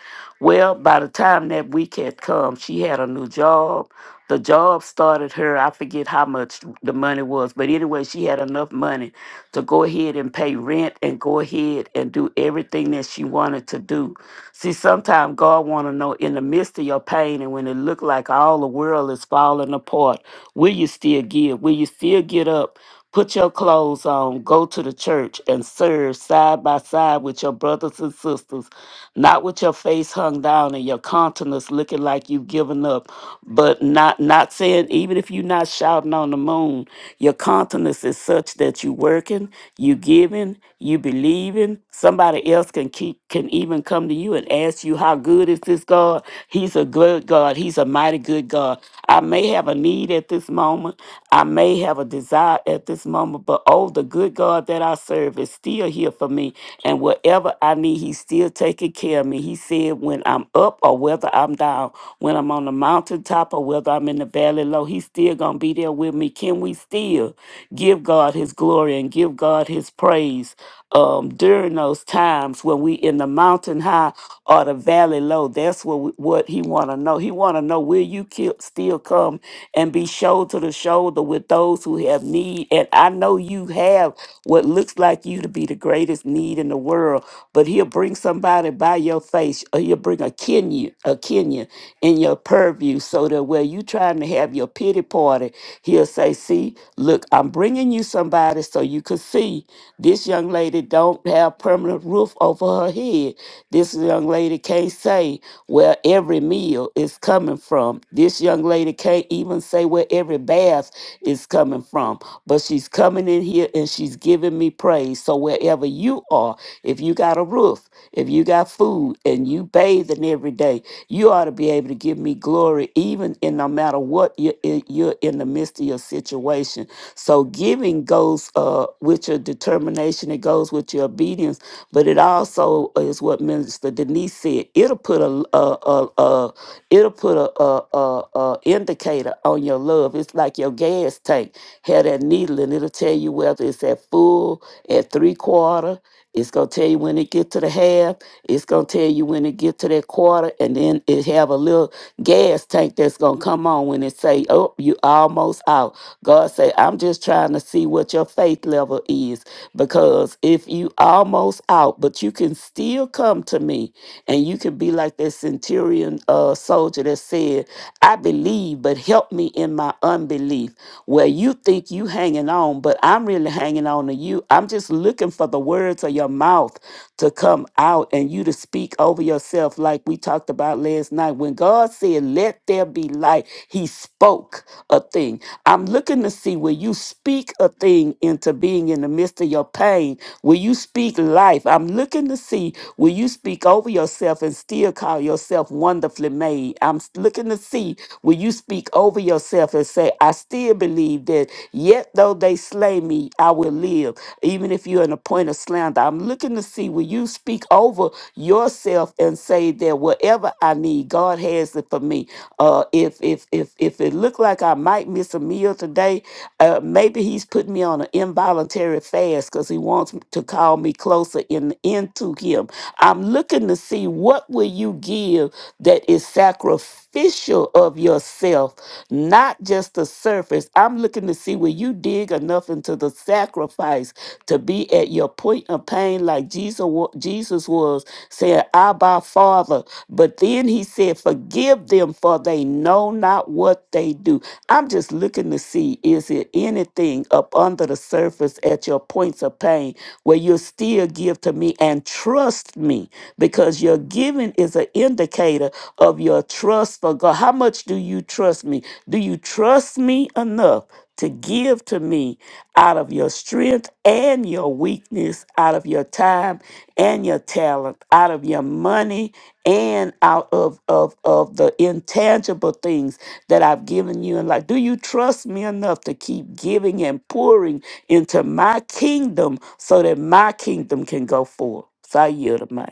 Well, by the time that week had come, she had a new job the job started her i forget how much the money was but anyway she had enough money to go ahead and pay rent and go ahead and do everything that she wanted to do. See, sometimes God want to know in the midst of your pain and when it look like all the world is falling apart, will you still give? Will you still get up? Put your clothes on, go to the church and serve side by side with your brothers and sisters, not with your face hung down and your countenance looking like you've given up, but not not saying even if you're not shouting on the moon, your countenance is such that you working, you giving, you believing. Somebody else can keep can even come to you and ask you, How good is this God? He's a good God. He's a mighty good God. I may have a need at this moment. I may have a desire desire at this moment. But oh, the good God that I serve is still here for me. And whatever I need, He's still taking care of me. He said, when I'm up or whether I'm down, when I'm on the mountaintop or whether I'm in the valley low, He's still going to be there with me. Can we still give God His glory and give God His praise um, during those times when we in the mountain high or the valley low. That's what we, what he want to know. He want to know will you ki- still come and be shoulder to shoulder with those who have need. And I know you have what looks like you to be the greatest need in the world, but he'll bring somebody by your face, or he'll bring a Kenya, a Kenya in your purview, so that where you trying to have your pity party, he'll say, "See, look." I'm bringing you somebody so you could see this young lady don't have permanent roof over her head. This young lady can't say where every meal is coming from. This young lady can't even say where every bath is coming from. But she's coming in here and she's giving me praise. So wherever you are, if you got a roof, if you got food, and you bathing every day, you ought to be able to give me glory even in no matter matter what you're, you're in the midst of your situation. So giving goes uh, with your determination, it goes with your obedience, but it also is what Minister Denise said. It'll put a a a, a it'll put a, a a a indicator on your love. It's like your gas tank had that needle, and it'll tell you whether it's at full, at three quarter. It's gonna tell you when it get to the half. It's gonna tell you when it get to that quarter, and then it have a little gas tank that's gonna come on when it say, "Oh, you almost out." God say, "I'm just trying to see what your faith level is, because if you almost out, but you can still come to me, and you can be like that centurion uh, soldier that said, 'I believe, but help me in my unbelief." Where you think you hanging on, but I'm really hanging hanging on to you. I'm just looking for the words of your mouth to come out and you to speak over yourself, like we talked about last night. When God said, Let there be light, He spoke a thing. I'm looking to see where you speak a thing into being in the midst of your pain, where you speak life. I'm looking to see where you speak over yourself and still call yourself wonderfully made. I'm s- looking to see where you speak over yourself and say, I still believe." believe that yet though they slay me, I will live. Even if you're in a point of slander, I'm looking to see will you speak over yourself and say that whatever I need, God has it for me. Uh, if if if if it looked like I might miss a meal today, uh, maybe He's putting me on an involuntary fast because He wants to call me closer in into Him. I'm looking to see what will you give that is sacrificial of yourself yourself, not just the surface. I'm looking to see where you dig enough into the sacrifice to be at your point of pain like Jesus, wa- Jesus was, saying, Abba, Father. But then he said, Forgive them, for they know not what they do. I'm just looking to see is there anything up under the surface at your points of pain where you'll still give to me and trust me because your giving is an indicator indicator of your trust for God. How much do you trust me? Do you trust me enough to give to me out of your strength and your weakness, out of your time and your talent, out of your money and out of, of, of the intangible things that I've given you in life? Do you trust me enough to keep giving and pouring into my kingdom so that my kingdom can go forth? So I yield the mic.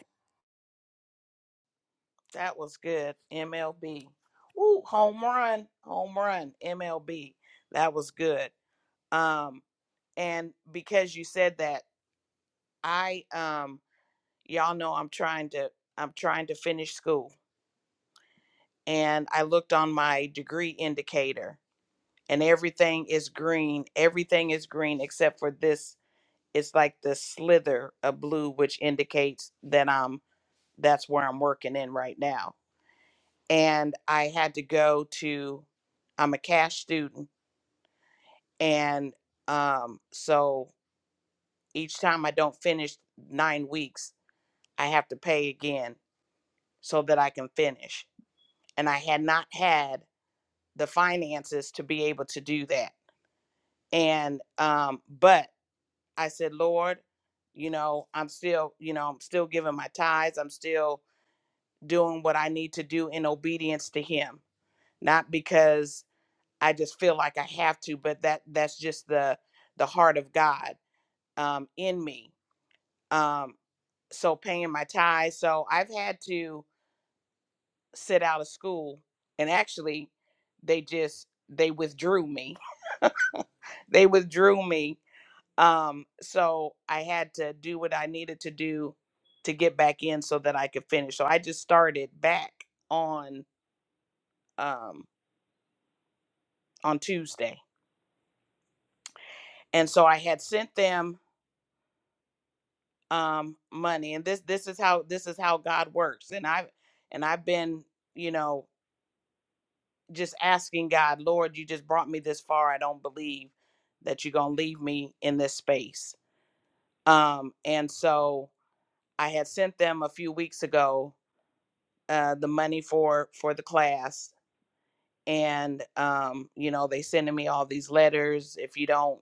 that was good mlb Ooh, home run home run mlb that was good um, and because you said that i um, y'all know I'm trying to I'm trying to finish school and I looked on my degree indicator and everything is green. Everything is green except for this it's like the slither of blue which indicates that I'm that's where I'm working in right now. And I had to go to I'm a cash student and um so each time I don't finish 9 weeks, I have to pay again so that I can finish. And I had not had the finances to be able to do that. And um, but I said, Lord, you know, I'm still, you know, I'm still giving my tithes. I'm still doing what I need to do in obedience to Him, not because I just feel like I have to, but that that's just the the heart of God um, in me. Um, so paying my tithes. So I've had to sit out of school, and actually, they just they withdrew me. They withdrew me Um, so I had to do what I needed to do to get back in so that I could finish. So I just started back on um on Tuesday. And so I had sent them um money and this this is how this is how God works. And I and I've been, you know, just asking God, Lord, you just brought me this far. I don't believe that you're going to leave me in this space. Um and so I had sent them a few weeks ago uh, the money for for the class and um you know they sending me all these letters if you don't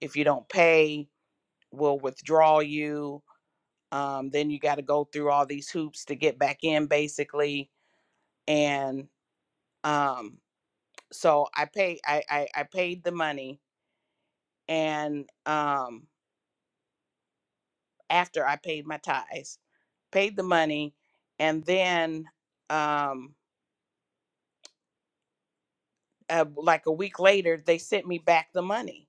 if you don't pay we'll withdraw you um then you got to go through all these hoops to get back in basically and um so i pay I, I i paid the money and um after i paid my tithes paid the money and then um uh, like a week later they sent me back the money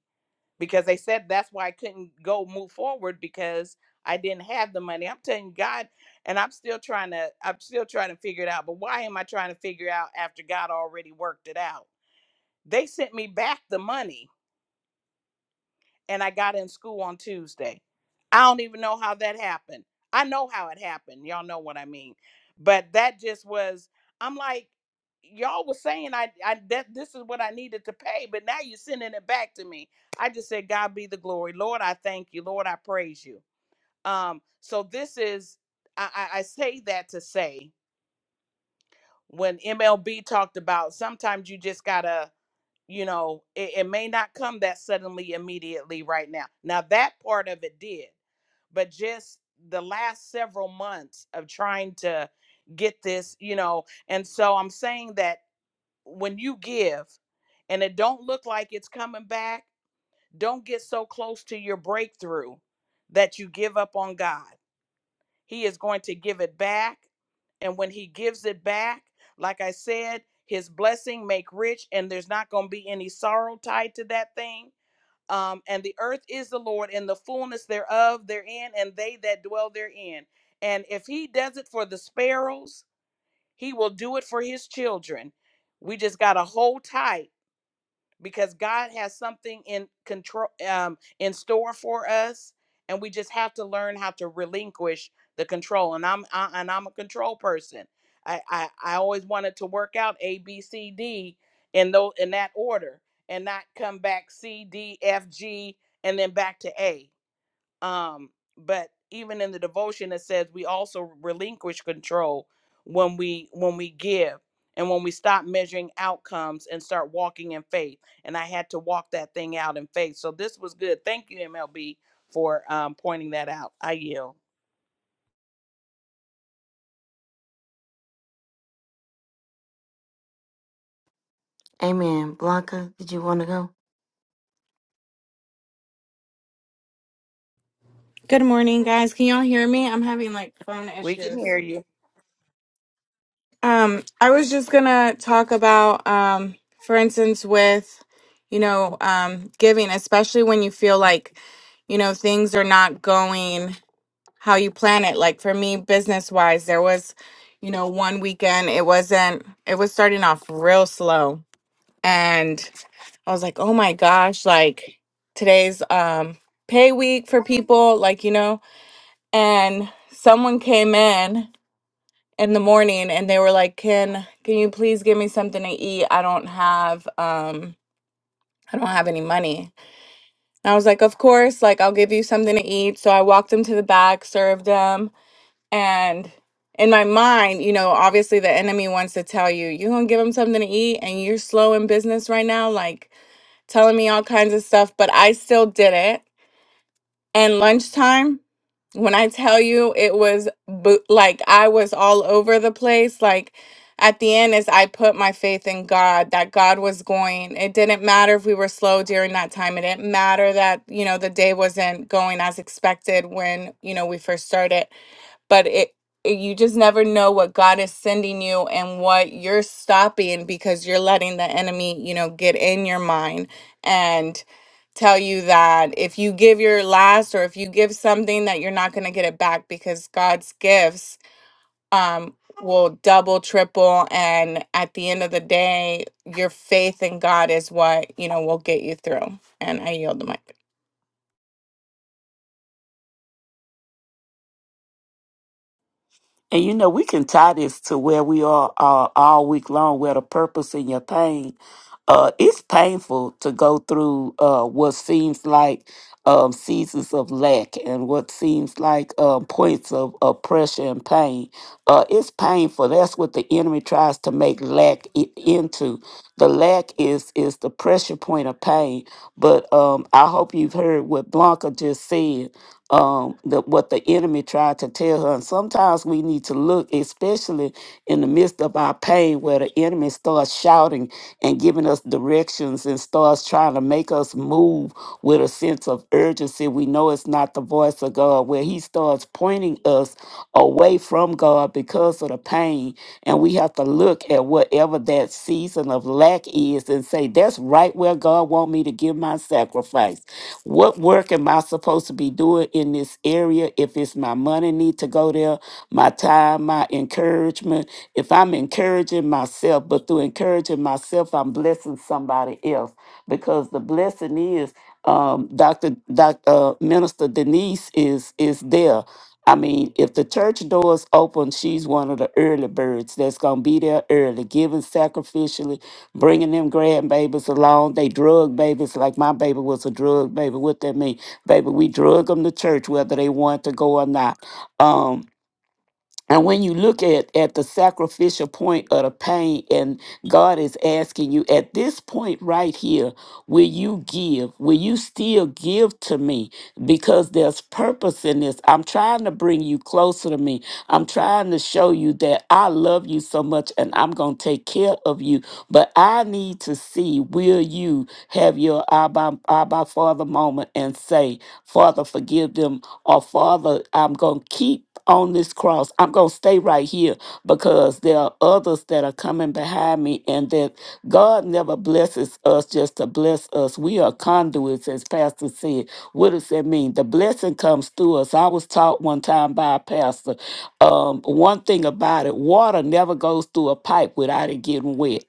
because they said that's why I couldn't go move forward because I didn't have the money. I'm telling you, God, and I'm still trying to I'm still trying to figure it out. But why am I trying to figure out after God already worked it out? They sent me back the money and I got in school on Tuesday. I don't even know how that happened. I know how it happened. Y'all know what I mean. But that just was I'm like y'all was saying I I that this is what I needed to pay, but now you're sending it back to me. I just said God be the glory. Lord, I thank you. Lord, I praise you. Um so this is I I, I say that to say when MLB talked about sometimes you just got to you know it, it may not come that suddenly immediately right now now that part of it did but just the last several months of trying to get this you know and so i'm saying that when you give and it don't look like it's coming back don't get so close to your breakthrough that you give up on god he is going to give it back. And when he gives it back, like I said, his blessing make rich, and there's not going to be any sorrow tied to that thing. Um, and the earth is the Lord, and the fullness thereof therein, and they that dwell therein. And if he does it for the sparrows, he will do it for his children. We just got to hold tight because God has something in control um, in store for us, and we just have to learn how to relinquish the control. And I'm I, and I'm a control person. I, I I always wanted to work out A B C D in those in that order, and not come back C D F G and then back to A. Um, but even in the devotion, it says we also relinquish control when we when we give and when we stop measuring outcomes and start walking in faith. And I had to walk that thing out in faith. So this was good. Thank you, MLB, for um, pointing that out. I yield. Amen. Blanca, did you want to go? Good morning, guys. Can y'all hear me? I'm having like phone We can hear issues. you. Um, I was just gonna talk about, um, for instance, with you know, um, giving, especially when you feel like you know things are not going how you plan it. Like for me, business wise, there was, you know, one weekend it wasn't. It was starting off real slow, and I was like, oh my gosh, like today's um pay week for people, like you know and someone came in in the morning and they were like can can you please give me something to eat i don't have um i don't have any money and i was like of course like i'll give you something to eat so i walked them to the back served them and in my mind you know obviously the enemy wants to tell you you're gonna give them something to eat and you're slow in business right now like telling me all kinds of stuff but i still did it and lunchtime when i tell you it was bo- like i was all over the place like at the end is i put my faith in god that god was going it didn't matter if we were slow during that time it didn't matter that you know the day wasn't going as expected when you know we first started but it it- you just never know what God is sending you and what you're stopping because you're letting the enemy, you know, get in your mind and tell you that if you give your last or if you give something that you're not going to get it back because God's gifts um will double triple and at the end of the day your faith in God is what, you know, will get you through. And I yield the mic. And you know, we can tie this to where we are uh, all week long, where the purpose in your pain. Uh, it's painful to go through uh, what seems like um, seasons of lack and what seems like um, points of, of pressure and pain. Uh, it's painful. That's what the enemy tries to make lack i- into. The lack is is the pressure point of pain. But um, I hope you've heard what Blanca just said um, the, what the enemy tried to tell her. And sometimes we need to look, especially in the midst of our pain, where the enemy starts shouting and giving us directions and starts trying to make us move with a sense of urgency. We know it's not the voice of God, where he starts pointing us away from God because of the pain be. And we have to look at whatever that season of lack is and say, that's right where God want me to give my sacrifice. What work am I supposed to be doing in this area? If it's my money need to go there, my time, my encouragement. If I'm encouraging myself, but through encouraging myself, I'm blessing somebody else because the blessing is um, Dr. Doc, uh, Minister Denise is is there. I mean, if the church doors open, she's one of the early birds that's going to be there early, giving sacrificially, bringing them grandbabies along. They drug babies, like my baby was a drug baby. What that mean? Baby, we drug them to church whether they want to go or not. Um, and when you look at, at the sacrificial point of the pain, and God is asking you at this point right here, will you give? Will you still give to me? Because there's purpose in this. I'm trying to bring you closer to me. I'm trying to show you that I love you so much and I'm going to take care of you. But I need to see will you have your Abba, Abba Father moment and say, Father, forgive them. Or, Father, I'm going to keep on this cross. I'm going to stay right here because there are others that are coming behind me, and that God never blesses us just to bless us. We are conduits, as Pastor said. What does that mean? The blessing comes through us. I was taught one time by a pastor um, one thing about it water never goes through a pipe without it getting wet.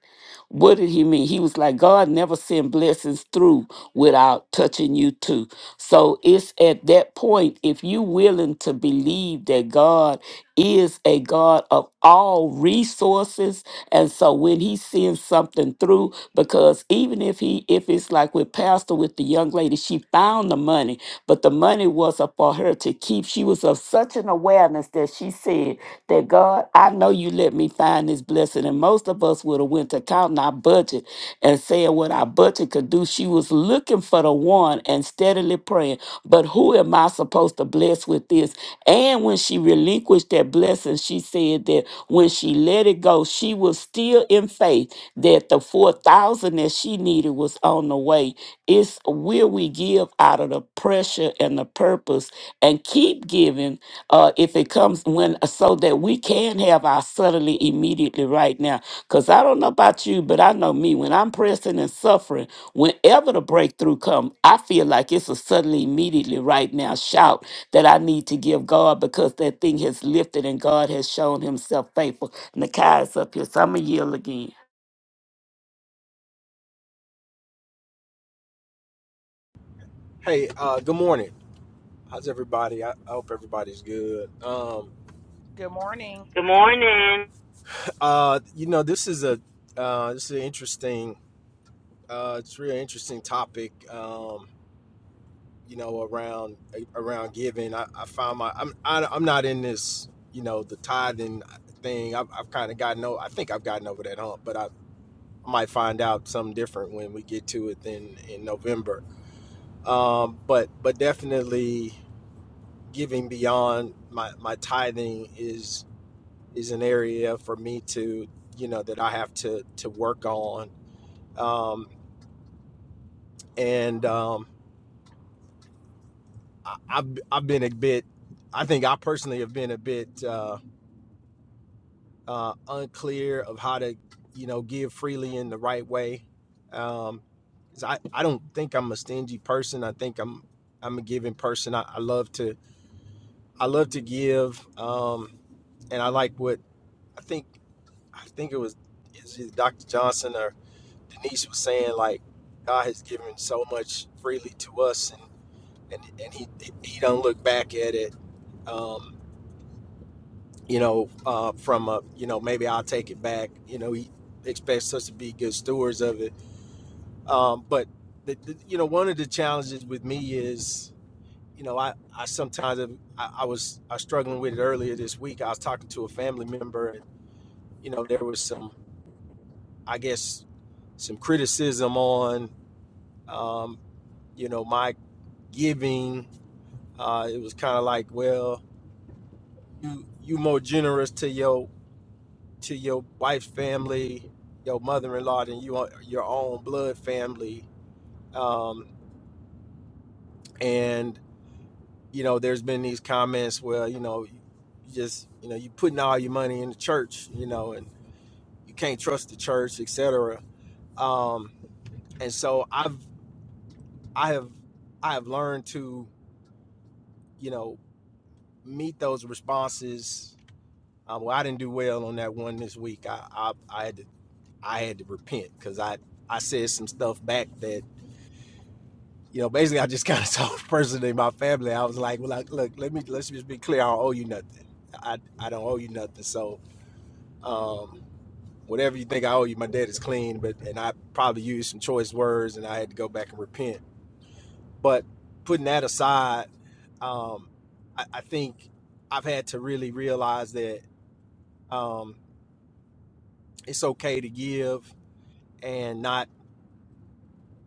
What did he mean? He was like, God never send blessings through without touching you too. So it's at that point, if you willing to believe that God is a God of all resources, and so when he sends something through, because even if he if it's like with Pastor with the young lady, she found the money, but the money was up for her to keep. She was of such an awareness that she said, that God, I know you let me find this blessing. And most of us would have went to counting our budget and saying what our budget could do. She was looking for the one and steadily praying, but who am I supposed to bless with this? And when she relinquished that blessing, she said that when she let it go, she was still in faith that the 4,000 that she needed was on the way. It's will we give out of the pressure and the purpose and keep giving uh, if it comes when so that we can have our suddenly immediately right now because i don't know about you but i know me when i'm pressing and suffering whenever the breakthrough come i feel like it's a suddenly immediately right now shout that i need to give god because that thing has lifted and god has shown himself faithful Nakai is up here so i'm going to yield again Hey, uh, good morning. How's everybody? I, I hope everybody's good. Um, Good morning. Good morning. uh, you know, this is a uh, this is an interesting, uh, it's a real interesting topic. Um, you know, around around giving. I, I found my I'm I, I'm not in this. You know, the tithing thing. I've, I've kind of gotten over. I think I've gotten over that hump, but I, I might find out something different when we get to it in in November. Um, but but definitely giving beyond my my tithing is is an area for me to you know that I have to to work on. Um, and um, I, I've I've been a bit. I think I personally have been a bit uh, uh, unclear of how to you know give freely in the right way. Um, 'cause I I don't think I'm a stingy person. I think I'm I'm a giving person. I, I love to I love to give. Um, and I like what I think I think it was is it Dr. Johnson or Denise was saying, like God has given so much freely to us, and and, and he he don't look back at it. Um, you know, uh, from a you know maybe I'll take it back. You know, he expects us to be good stewards of it. Um, but the, the, you know, one of the challenges with me is you know I I sometimes have, I, I was I was struggling with it earlier this week. I was talking to a family member, and you know there was some I guess some criticism on um, you know my giving. Uh, it was kind of like, well, you you more generous to your to your wife's family, your mother-in-law than you your own blood family. Um, and you know, there's been these comments where you know, you just you know, you putting all your money in the church, you know, and you can't trust the church, etc. Um, and so I've I have I have learned to you know meet those responses Um, well, I didn't do well on that one this week. I I, I had to I had to repent because I I said some stuff back that you know basically I just kind of told the person in my family I was like, well, like, look, let me let's just be clear. I don't owe you nothing. I I don't owe you nothing. So um, whatever you think I owe you, my debt is clean. But and I probably used some choice words, and I had to go back and repent. But putting that aside, um, I, I think I've had to really realize that um, it's okay to give and not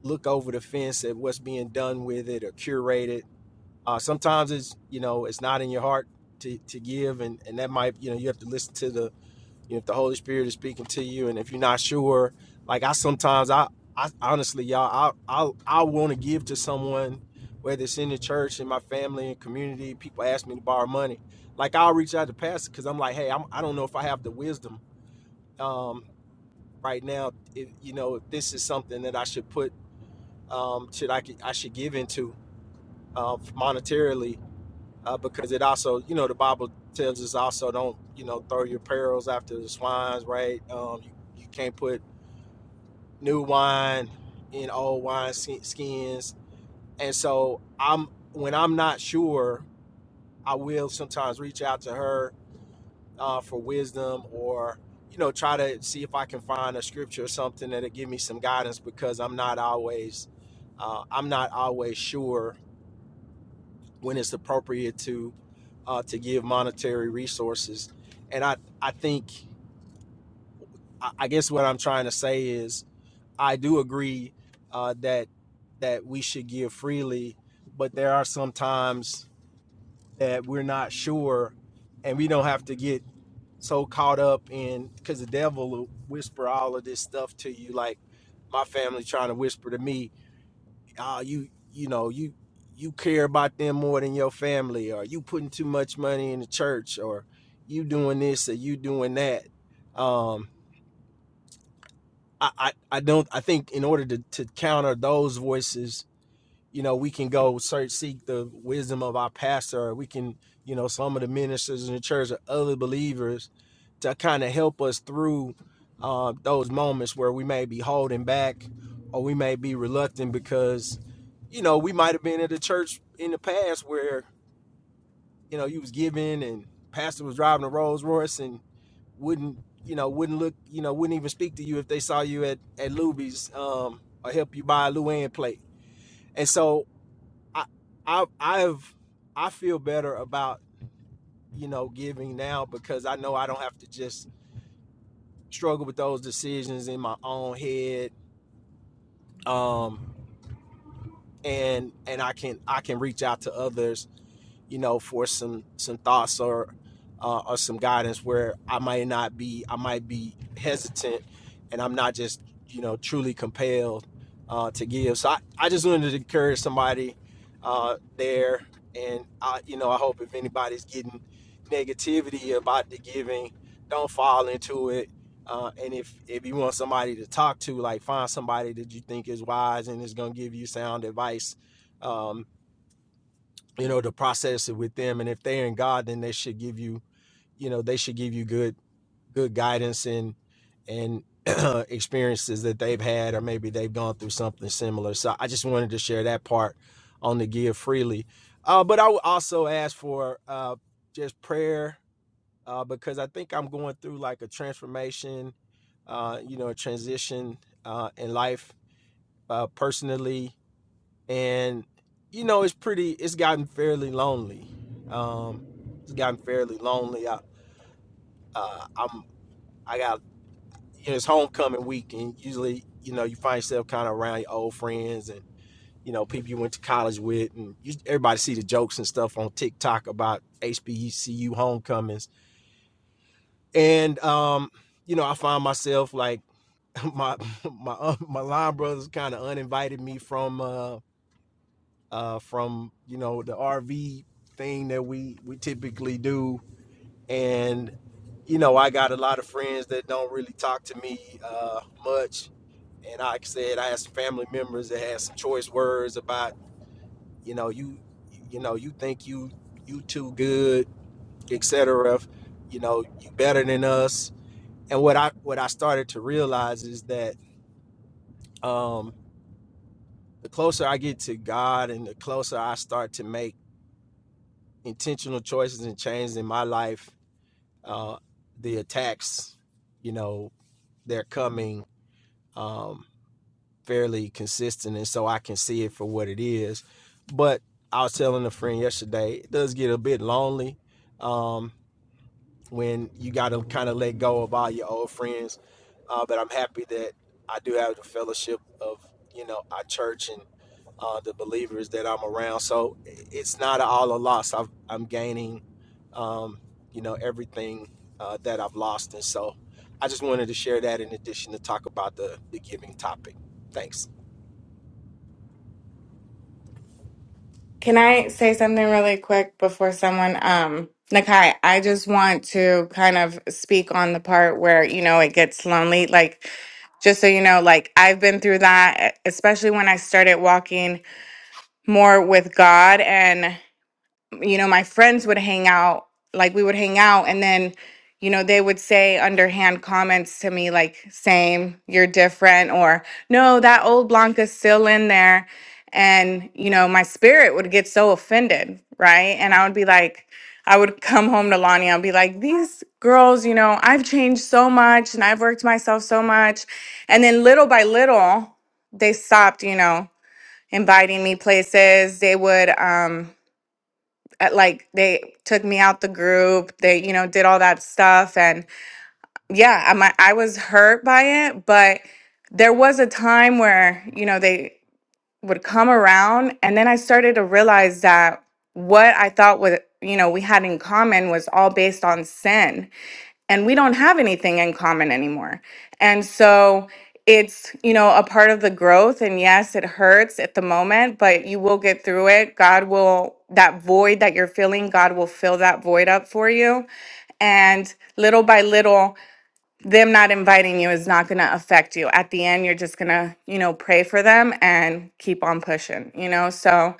look over the fence at what's being done with it or curated. Uh, sometimes it's you know it's not in your heart to, to give, and and that might you know you have to listen to the you know if the Holy Spirit is speaking to you, and if you're not sure, like I sometimes I I honestly y'all I I I want to give to someone. Whether it's in the church, in my family, and community, people ask me to borrow money. Like I'll reach out to pastor because I'm like, hey, I'm, I don't know if I have the wisdom um, right now. If, you know, if this is something that I should put um, should I I should give into uh, monetarily uh, because it also you know the Bible tells us also don't you know throw your pearls after the swines right um, you, you can't put new wine in old wine skins and so I'm when I'm not sure I will sometimes reach out to her uh, for wisdom or you know try to see if I can find a scripture or something that'll give me some guidance because I'm not always uh, I'm not always sure when it's appropriate to uh, to give monetary resources. And I I think I I guess what I'm trying to say is I do agree uh, that that we should give freely, but there are some times that we're not sure, and we don't have to get so caught up in because the devil will whisper all of this stuff to you like my family trying to whisper to me oh you you know you you care about them more than your family or you putting too much money in the church or you doing this or you doing that um i i, I don't i think in order to, to counter those voices you know, we can go search, seek the wisdom of our pastor, or we can, you know, some of the ministers in the church or other believers to kind of help us through uh, those moments where we may be holding back or we may be reluctant because, you know, we might have been at a church in the past where, you know, you was giving and pastor was driving a Rolls Royce and wouldn't, you know, wouldn't look, you know, wouldn't even speak to you if they saw you at, at Luby's um, or help you buy a Luann plate. And so I, I I've I feel better about you know giving now because I know I don't have to just struggle with those decisions in my own head. Um, and and I can I can reach out to others you know, for some some thoughts or uh, or some guidance where I might not be I might be hesitant and I'm not just you know truly compelled uh, to give. So I, I just wanted to encourage somebody uh, there, and I you know I hope if anybody's getting negativity about the giving, don't fall into it. Uh, and if if you want somebody to talk to, like find somebody that you think is wise and is going to give you sound advice. Um, you know, to process it with them. And if they're in God, then they should give you, you know, they should give you good, good guidance and, and experiences that they've had, or maybe they've gone through something similar. So I just wanted to share that part on the give freely. Uh, but I would also ask for uh, just prayer uh, because I think I'm going through like a transformation, uh, you know, a transition uh, in life uh, personally and you know it's pretty it's gotten fairly lonely um it's gotten fairly lonely i uh i'm i got you know, it's homecoming week and usually you know you find yourself kind of around your old friends and you know people you went to college with and you, everybody see the jokes and stuff on tiktok about hbcu homecomings and um you know i find myself like my my uh, my line brothers kind of uninvited me from uh uh, from you know the RV thing that we we typically do, and you know I got a lot of friends that don't really talk to me uh, much, and like I said, I had some family members that had some choice words about you know you you know you think you you too good, etc. You know you better than us, and what I what I started to realize is that um, the closer I get to God and the closer I start to make intentional choices and changes in my life. Uh, the attacks, you know, they're coming um, fairly consistent, and so I can see it for what it is. But I was telling a friend yesterday, it does get a bit lonely. Um, when you got to kind of let go of all your old friends. Uh, but I'm happy that I do have the fellowship of you know our church and uh, the believers that I'm around. So it's not all a loss. I've, I'm gaining, um, you know, everything uh, that I've lost, and so I just wanted to share that in addition to talk about the the giving topic. Thanks. Can I say something really quick before someone um Nakai, I just want to kind of speak on the part where, you know, it gets lonely. Like just so you know, like I've been through that, e-, especially when I started walking more with God you know, my friends would hang out, like we would hang out, and then, you know, they would say underhand comments to me like, same, you're different, or no, that old Blanca's still in there. And, you know, my spirit would get so offended, right? And I would be like, I would come home to Lonnie, I'd be like, these girls, you know, I've changed so much and I've worked myself so much. And then little by little, they stopped, you know, inviting me places. They would, um, at, like they took me out the group they you know did all that stuff and yeah i mi- i was hurt by it but there was a time where you know they would come around and then i started to realize that what i thought was you know we had in common was all based on sin and we don't have anything in common anymore. And so it's, you know, a part of the growth. And yes, it hurts at the moment, but you will get through it. God will, that void that you're feeling, God will fill that void up for you. And little by little, them not inviting you is not going to affect you. At the end, you're just going to, you know, pray for them and keep on pushing, you know? So,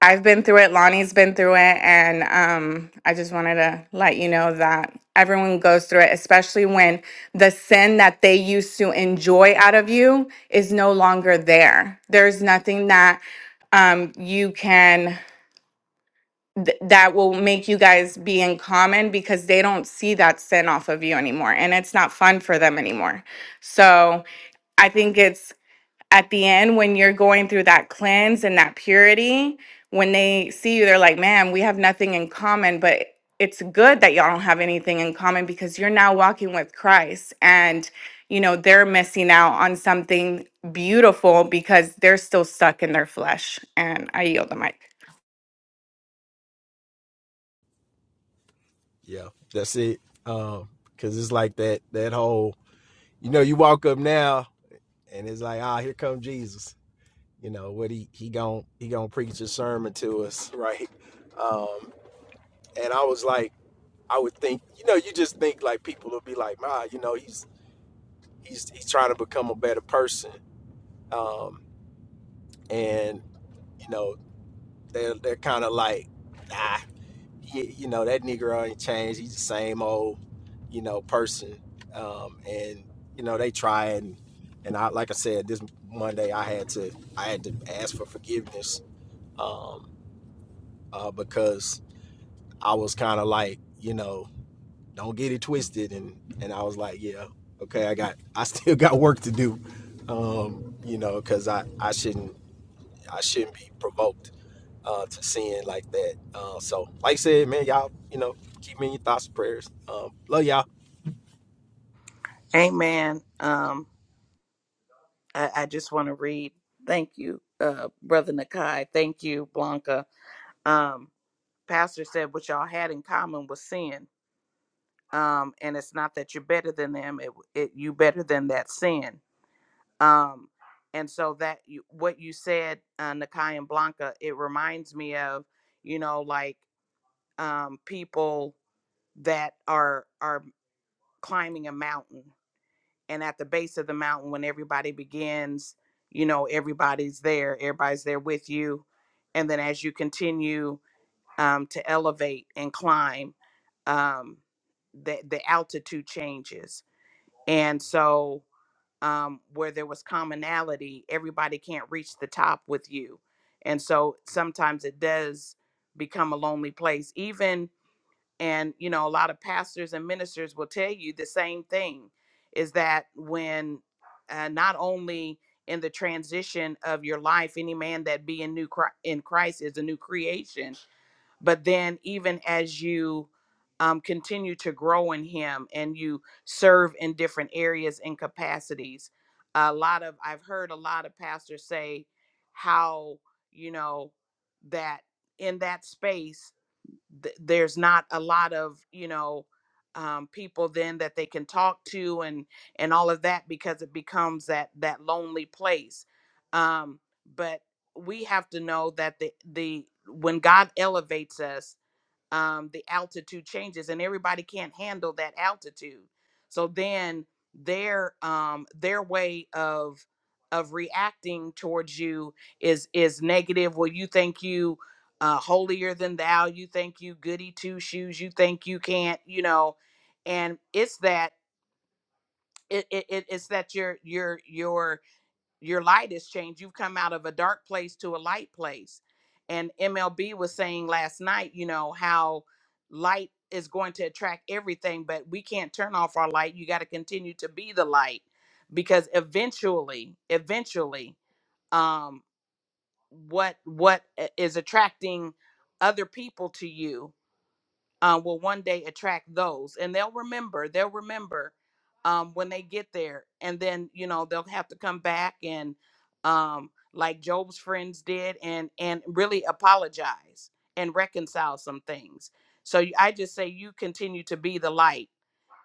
I've been through it, Lonnie's been through it, and um, I just wanted to let you know that everyone goes through it, especially when the sin that they used to enjoy out of you is no longer there. There's nothing that um, you can, th- that will make you guys be in common because they don't see that sin off of you anymore, and it's not fun for them anymore. So I think it's at the end when you're going through that cleanse and that purity when they see you they're like man we have nothing in common but it's good that y'all don't have anything in common because you're now walking with christ and you know they're missing out on something beautiful because they're still stuck in their flesh and i yield the mic Yeah, that's it. Um, Cause it's like that that whole you know you walk up now and it's like ah here come Jesus you know what he he gon' he gonna preach a sermon to us right and i was like i would think you know you just think like people will be like ma you know he's he's he's trying to become a better person um and you know they're they're kind of like ah you, you know that negro ain't changed he's the same old you know person um and you know they try and and i like i said this monday i had to i had to ask for forgiveness um uh, because I was kind of like, you know, don't get it twisted, and and I was like, yeah, okay, I got, I still got work to do, um, you know, because I I shouldn't I shouldn't be provoked uh, to sin like that. Uh, so, like I said, man, y'all, you know, keep me in your thoughts and prayers. Um, love y'all. Amen. Um, I, I just want to read. Thank you, uh, Brother Nakai. Thank you, Blanca. Um, Pastor said what y'all had in common was sin. um, and it's not that you're better than them. It, it you better than that sin. Um, and so that you, what you said, uh, Nakai and Blanca, it reminds me of, you know, like um, people that are are climbing a mountain, and at the base of the mountain, when everybody begins, you know, everybody's there, everybody's there with you, and then as you continue um, to elevate and climb, um, the the altitude changes And so, um, where there was commonality, everybody can't reach the top with you. And so sometimes it does become a lonely place. Even, and you know, a lot of pastors and ministers will tell you the same thing is that when uh, not only in the transition of your life, any man that be in new Chri- in Christ is a new creation, but then even as you um, continue to grow in him and you serve in different areas and capacities a lot of i've heard a lot of pastors say how you know that in that space th- there's not a lot of you know um, people then that they can talk to and and all of that because it becomes that that lonely place um, but we have to know that the the when god elevates us um, the altitude changes and everybody can't handle that altitude so then their um, their way of of reacting towards you is is negative well you think you uh, holier than thou you think you goody two shoes you think you can't you know and it's that it, it it- it's that your your your your light has changed. You've come out of a dark place to a light place. And MLB was saying last night, you know, how light is going to attract everything, but we can't turn off our light. You got to continue to be the light because eventually, eventually, um, what what eh, is attracting other people to you uh, will one day attract those and they'll remember they'll remember um, when they get there and then you know they'll have to come back and um, like job's friends did and and really apologize and reconcile some things so you- i just say you continue to be the light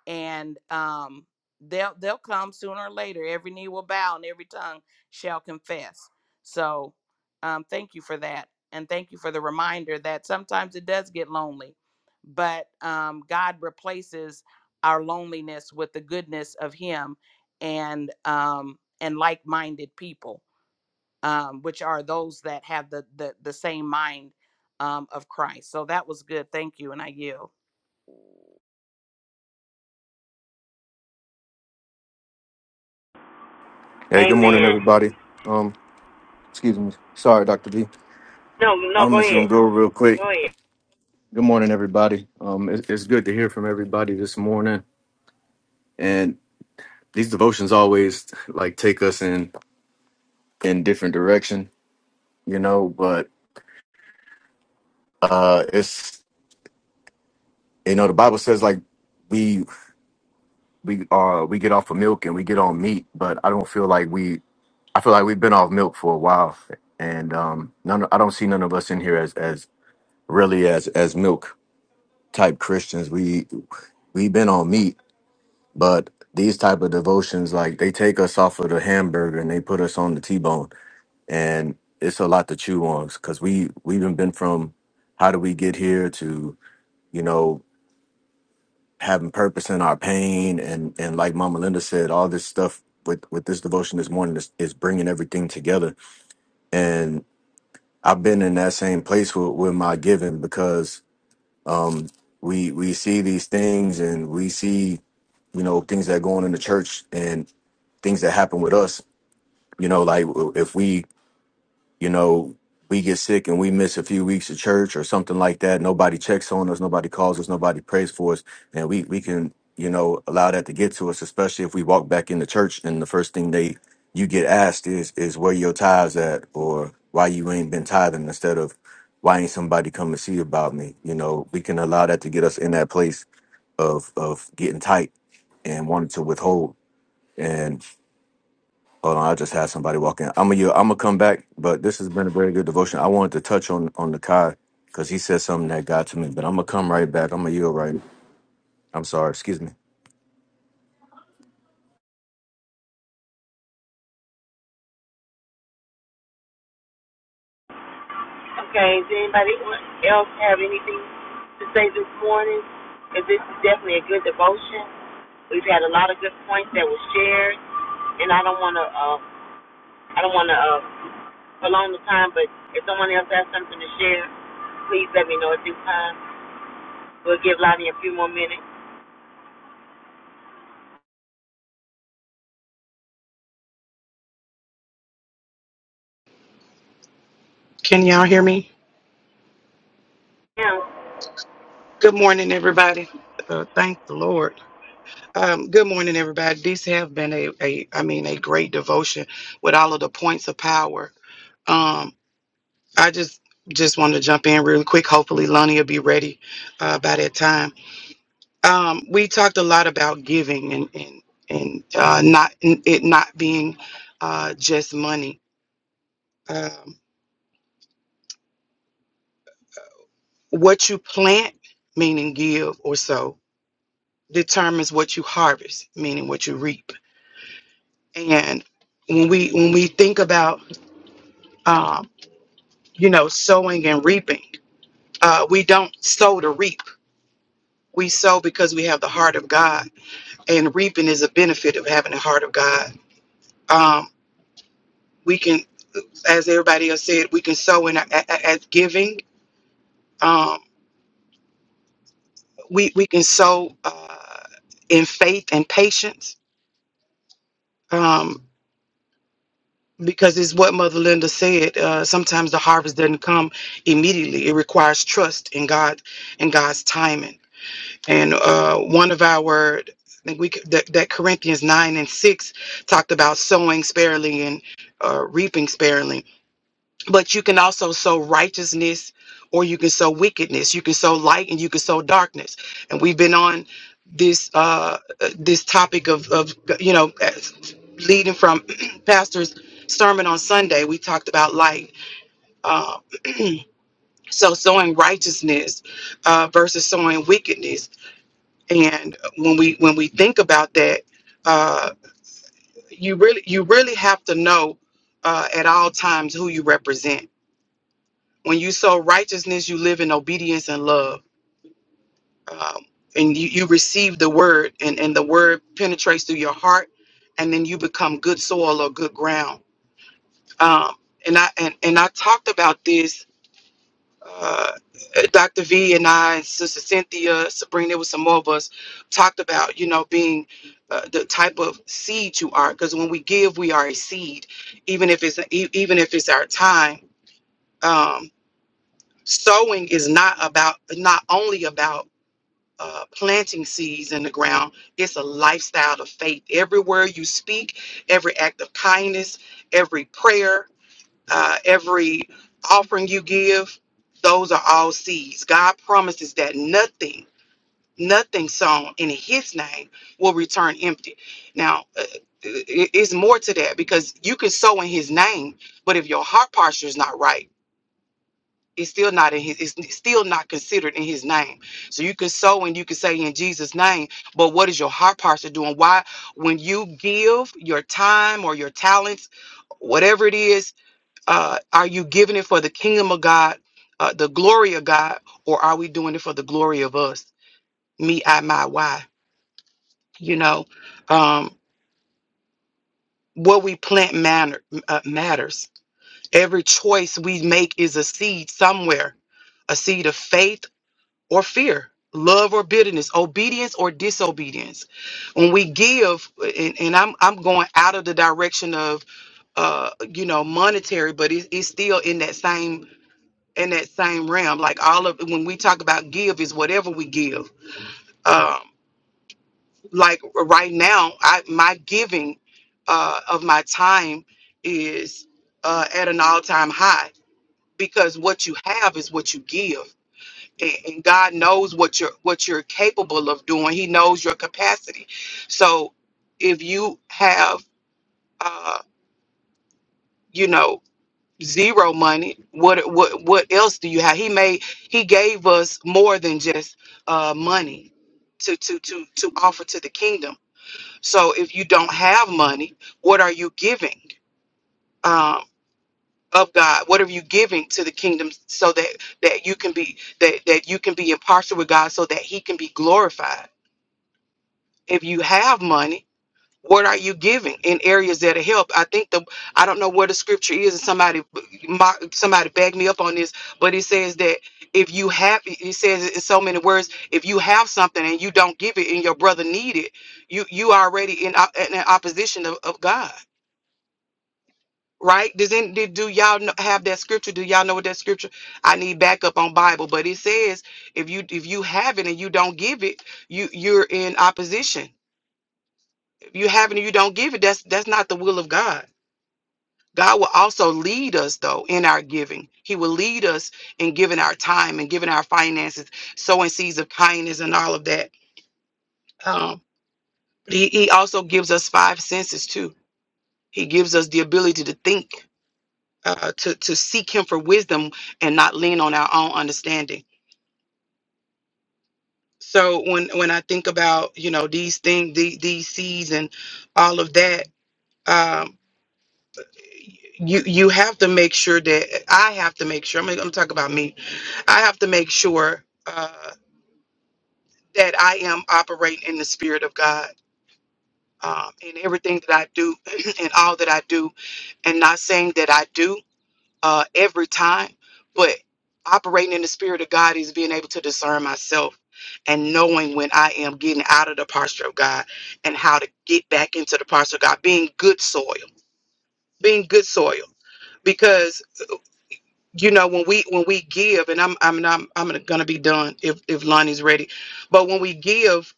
and um, they'll they'll come sooner or later. Every knee will bow, and every tongue shall confess. So, um, thank you for that, and thank you for the reminder that sometimes it does get lonely, but um, God replaces our loneliness with the goodness of Him, and um, and like-minded people, um, which are those that have the the, the same mind um, of Christ. So that was good. Thank you, and I yield. Hey, good morning, Amen. everybody. Um, excuse me. Sorry, Dr. B. No, no, I'm go just ahead. gonna go real quick. Go ahead. Good morning, everybody. Um, it, it's good to hear from everybody this morning. And these devotions always like take us in in different direction, you know. But uh, it's you know the Bible says like we we uh we get off of milk and we get on meat, but I don't feel like we I feel like we've been off milk for a while, and um, none I don't see none of us in here as as really as as milk type Christians. We we've been on meat, but these type of devotions, like they take us off of the hamburger and they put us on the T-bone, and it's a lot to chew on because we we've been been from how do we get here to you know having purpose in our pain and and like Mama Linda said, all this stuff with with this devotion this morning is, is bringing everything together, and I've been in that same place with, with my giving because um we we see these things and we see you know things that go on in the church and things that happen with us you know like if we you know we get sick and we miss a few weeks of church or something like that nobody checks on us nobody calls us nobody prays for us and we we can you know allow that to get to us especially if we walk back in the church and the first thing they you get asked is is where your tithes at or why you ain't been tithing instead of why ain't somebody come to see about me you know we can allow that to get us in that place of of getting tight and wanting to withhold and hold on, I just had somebody walk in. I'm gonna you- I'm gonna come back, but this has been a very good devotion. I wanted to touch on on the Kai because he said something that got to me, but I'm gonna come right back. I'm gonna yield right. I'm sorry, excuse me. Okay, does anybody else have anything to say this morning? Because this is definitely a good devotion. We've had a lot of good points that were shared, and I don't want to, uh, I don't want to uh, prolong the time, but if someone else has something to share, please let me know at this time. We'll give Lonnie a few more minutes. Can y'all hear me? Now, Good morning, everybody. Uh, thank the Lord. Um, good morning, everybody. These have been a, a, I mean, a great devotion with all of the points of power. Um, I just, just wanted to jump in really quick. Hopefully, Lonnie will be ready uh, by that time. Um, we talked a lot about giving and and and uh, not it not being uh, just money. Um, what you plant, meaning give or sow, determines what you harvest, meaning what you reap And when we when we think about um, you know sowing and reaping, uh, we don't sow to reap. We sow because we have the heart of God, and reaping is a benefit of having the heart of God. Um, we can, as everybody else said, we can sow in a- a- a- as giving. Um, we we can sow uh, in faith and patience. Um, because it's what Mother Linda said. Uh, sometimes the harvest doesn't come immediately. It requires trust in God and God's timing and uh, one of our I think we c- that, that Corinthians nine and six talked about sowing sparely and uh, reaping sparely, but you can also sow righteousness or you can sow wickedness. You can sow light and you can sow darkness. And we've been on this uh, uh, this topic of of you know as- leading from pastor's sermon on Sunday. We talked about light. Uh, so sowing righteousness uh, versus sowing wickedness and when we when we think about that, uh, you really you really have to know uh, at all times who you represent. When you sow righteousness, you live in obedience and love, um, and you, you receive the word, and, and the word penetrates through your heart, and then you become good soil or good ground. Um, and I and, and I talked about this uh, Dr. V and I, Sister Cynthia, Sabrina, there was some more of us, talked about, you know, being uh, the type of seed you are. Because when we give, we are a seed, even if it's e- even if it's our time. Um, sowing is not about not only about uh, planting seeds in the ground. It's a lifestyle of faith. Everywhere you speak, every act of kindness, every prayer, uh, every offering you give, those are all seeds. God promises that nothing, nothing sown in His name will return empty. Now, uh, it- it's more to that because you can sow in His name, but if your heart posture is not right, it's still not in His. It's still not considered in His name. So you can sow and you can say in Jesus' name, but what is your heart posture doing? Why, when you give your time or your talents? Whatever it is, uh, are you giving it for the kingdom of God, uh, the glory of God, or are we doing it for the glory of us? Me, I, my, why? You know, um, what we plant manner, uh, matters. Every choice we make is a seed somewhere, a seed of faith or fear, love or bitterness, obedience or disobedience. When we give, and, and I'm I'm going out of the direction of uh, you know monetary, but it, it's still in that same in that same realm. Like all of when we talk about give is whatever we give. Um, like right now, I my giving uh, of my time is uh, at an all time high because what you have is what you give. And and God knows what you're what you're capable of doing. He knows your capacity. So if you have, uh, you know, zero money what what what else do you have he made he gave us more than just uh money to to to to offer to the kingdom so if you don't have money what are you giving um of god what are you giving to the kingdom so that that you can be that that you can be impartial with god so that he can be glorified if you have money what are you giving in areas that help i think the i don't know where the scripture is and somebody my, somebody back me up on this but it says that if you have it says it in so many words if you have something and you don't give it and your brother need it you you already in, op- in an opposition of, of god right does any did, do y'all kn- have that scripture do y'all know what that scripture i need backup on bible but it says if you if you have it and you don't give it you you're in opposition if you have it and you don't give it that's that's not the will of god God will also lead us, though, in our giving. He will lead us in giving our time and giving our finances, sowing seeds of kindness and all of that. Um, he, he also gives us five senses, too. He gives us the ability to think, uh, to, to seek Him for wisdom and not lean on our own understanding. So when, when I think about, you know, these things, the, these seeds and all of that, um, you you have to make sure that I have to make sure. I'm, gonna- I'm talking about me. I have to make sure uh, that I am operating in the spirit of God um, in everything that I do and all that I do, and not saying that I do uh, every time, but operating in the spirit of God is being able to discern myself and knowing when I am getting out of the posture of God and how to get back into the posture of God, being good soil, being good soil you know when we when we give and i'm i'm i'm, I'm gonna be done if if lonnie's ready but when we give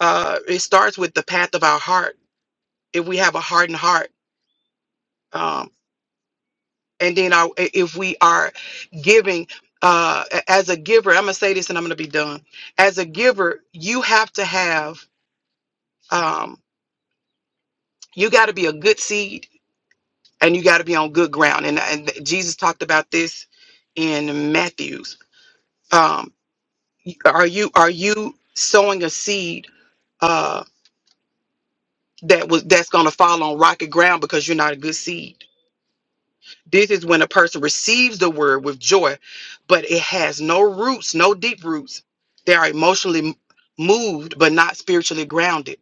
uh it starts with the path of our heart if we have a hardened heart um and then our, if we are giving uh a- as a giver i'm gonna say this and i'm gonna be done as a giver you have to have um you got to be a good seed and you got to be on good ground and, and jesus talked about this in matthews um, Are you are you sowing a seed uh, that was that's going to fall on rocky ground because you're not a good seed. This is when a person receives the word with joy, but it has no roots, no deep roots. They are emotionally m- moved, but not spiritually grounded.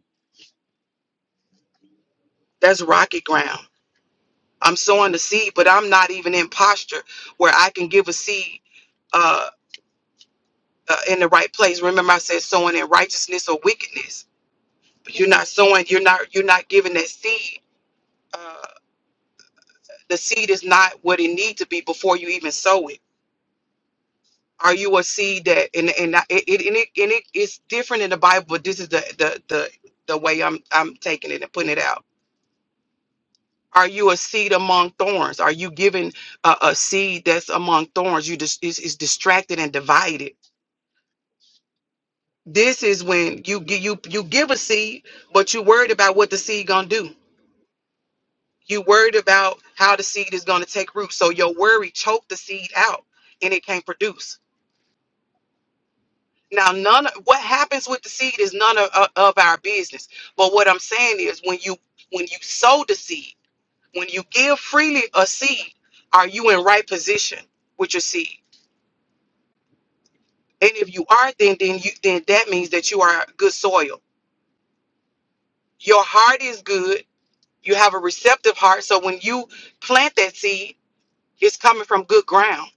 That's rocky ground. I'm sowing the seed, but I'm not even in posture where I can give a seed uh, uh, in the right place. Remember, I said sowing in righteousness or wickedness. You're not sowing. You're not. You're not giving that seed uh, the seed is not what it needs to be before you even sow it. Are you a seed that and and I- it it and it, and it it's different in the Bible, but this is the the the the way I'm I'm taking it and putting it out. Are you a seed among thorns? Are you giving a, a seed that's among thorns? You just is, is distracted and divided. This is when you gi- you you give a seed, but you're worried about what the seed gonna do. You worried about how the seed is gonna take root. So your worry choked the seed out, and it can't produce Now, none of what happens with the seed is none of, of of our business. But what I'm saying is, when you when you sow the seed, when you give freely a seed, are you in right position with your seed? And if you are, then then you then that means that you are good soil. Your heart is good. You have a receptive heart. So when you plant that seed, it's coming from good ground.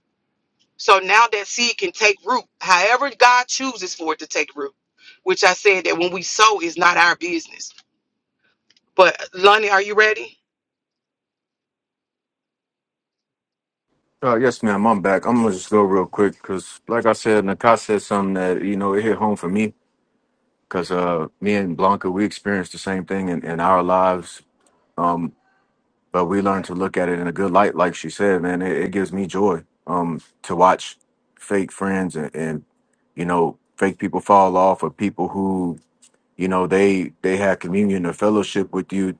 So now that seed can take root, however God chooses for it to take root. Which I said that when we sow is not our business But Lonnie, are you ready? Uh, yes, ma'am. I'm back. I'm gonna just go real quick because, like I said, Nakai said something that you know it hit home for me because uh, me and Blanca we experienced the same thing in, in our lives. but we learn to look at it in a good light like she said man it, it gives me joy um to watch fake friends and, and you know fake people fall off or people who you know they they had communion or fellowship with you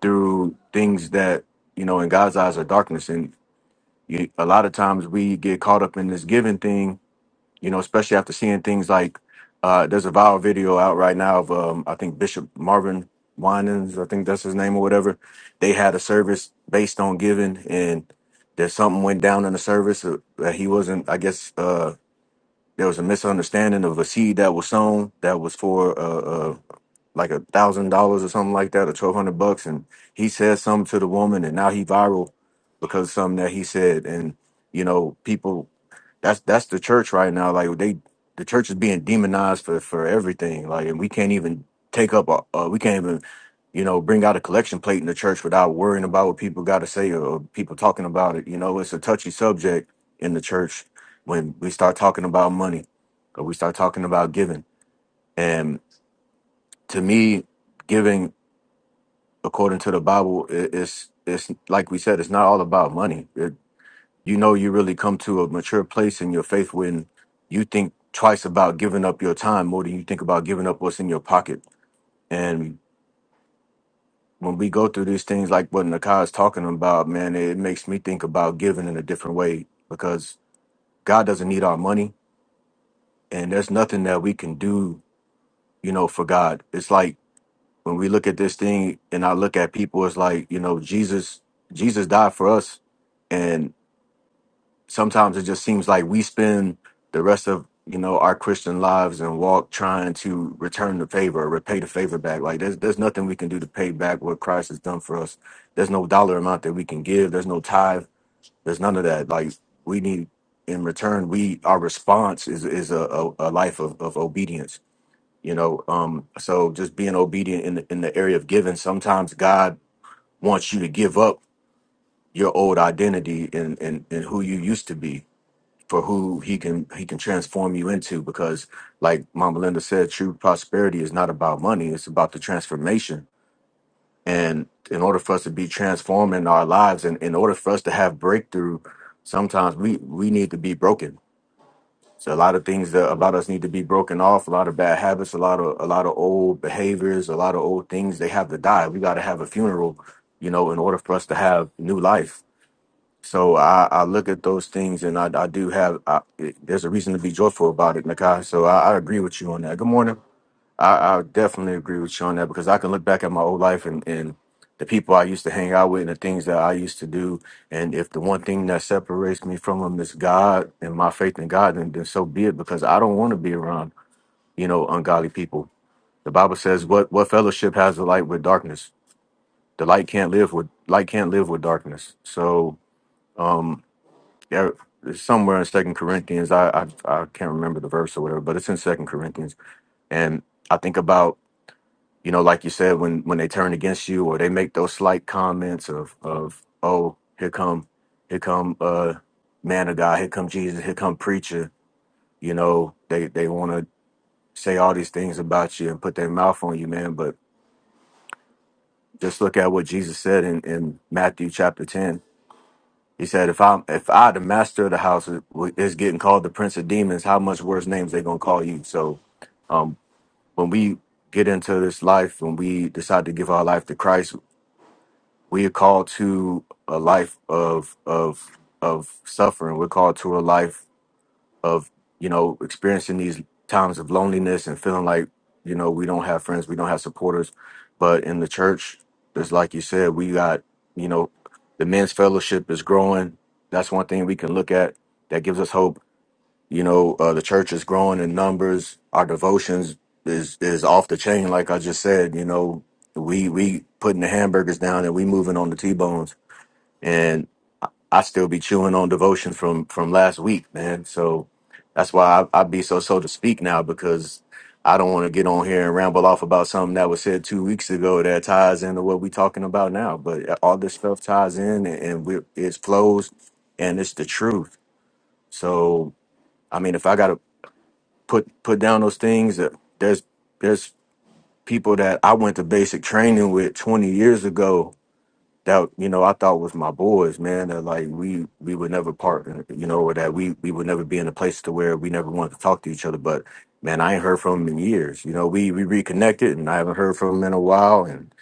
through things that you know in god's eyes are darkness and you, a lot of times we get caught up in this giving thing you know, especially after seeing things like uh, there's a viral video out right now of um, I think Bishop Marvin Winans, I think that's his name or whatever. They had a service based on giving, and there's something went down in the service uh, that he wasn't. I guess uh, there was a misunderstanding of a seed that was sown that was for uh, uh, like a thousand dollars or something like that, or twelve hundred bucks, and he said something to the woman, and now he viral because of something that he said, and you know people. That's that's the church right now. Like they, the church is being demonized for for everything. Like, and we can't even take up. A, uh, we can't even, you know, bring out a collection plate in the church without worrying about what people got to say or, or people talking about it. You know, it's a touchy subject in the church when we start talking about money or we start talking about giving. And to me, giving according to the Bible, i it's it's like we said, it's not all about money you know you really come to a mature place in your faith when you think twice about giving up your time more than you think about giving up what's in your pocket. And when we go through these things like what Nakai is talking about, man, it makes me think about giving in a different way because God doesn't need our money and there's nothing that we can do, you know, for God. It's like when we look at this thing and I look at people, it's like, you know, Jesus, Jesus died for us and. sometimes it just seems like we spend the rest of you know our Christian lives and walk trying to return the favor or repay the favor back. Like there's there's nothing we can do to pay back what Christ has done for us. There's no dollar amount that we can give. There's no tithe. There's none of that. Like we need in return, we our response is is a, a, a life of, of obedience. You know, um, so just being obedient in the, in the area of giving. Sometimes God wants you to give up your old identity and and and who you used to be for who he can he can transform you into because like mama linda said true prosperity is not about money it's about the transformation and in order for us to be transformed in our lives and in order for us to have breakthrough sometimes we we need to be broken so a lot of things that about us need to be broken off a lot of bad habits a lot of a lot of old behaviors a lot of old things they have to die we got to have a funeral you know in order for us to have new life so I, I look at those things and I, I do have, I, it, there's a reason to be joyful about it, Nakai. So I, I agree with you on that. Good morning. I, I definitely agree with you on that because I can look back at my old life and, and the people I used to hang out with and the things that I used to do. And if the one thing that separates me from them is God and my faith in God, then, then so be it because I don't want to be around, you know, ungodly people. The Bible says, what, what fellowship has the light with darkness? The light can't live with, light can't live with darkness. So, um, yeah, it's somewhere in Second Corinthians. I, I I can't remember the verse or whatever, but it's in Second Corinthians. And I think about you know, like you said, when when they turn against you or they make those slight comments of of oh here come here come uh man of God, here come Jesus, here come preacher. You know, they they want to say all these things about you and put their mouth on you, man. But just look at what Jesus said in in Matthew chapter ten He said, if I'm if I the master of the house is is getting called the prince of demons, how much worse names they gonna call you? So um when we get into this life, when we decide to give our life to Christ, we are called to a life of of of suffering. We're called to a life of you know experiencing these times of loneliness and feeling like you know we don't have friends we don't have supporters but in the church it's like you said we got you know the men's fellowship is growing that's one thing we can look at that gives us hope you know uh, the church is growing in numbers our devotions is is off the chain like i just said you know we we putting the hamburgers down and we moving on the t-bones I still be chewing on devotions from from last week, man. So that's why I, I be so so to speak now because I don't want to get on here and ramble off about something that was said two weeks ago that ties into what we talking about now. But uh, all this stuff ties in and, and we it flows and it's the truth. So I mean, if I gotta put put down those things, uh, there's there's people that I went to basic training with 20 years ago that you know I thought was my boys, man. That like we we would never part, you know, or that we we would never be in a place to where we never wanted to talk to each other. But man, I ain't heard from him in years. You know, we we reconnected, and I haven't heard from him in a while. And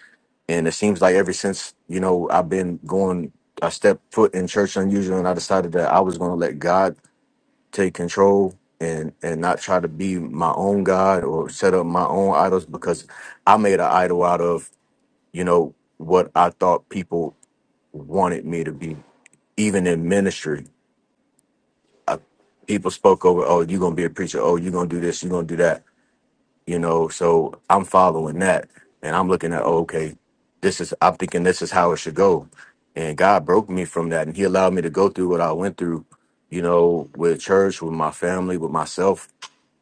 and it seems like ever since you know I've been going, I stepped foot in church unusual, and I decided that I was going to let God take control. And, and not try to be my own God or set up my own idols because I made an idol out of, you know, what I thought people wanted me to be, even in ministry. I, people spoke over, oh, you're going to be a preacher. Oh, you're going to do this. You're going to do that. You know, so I'm following that and I'm looking at, oh, okay, this is, I'm thinking this is how it should go. And God broke me from that and He allowed me to go through what I went through, you know, with church, with my family, with myself,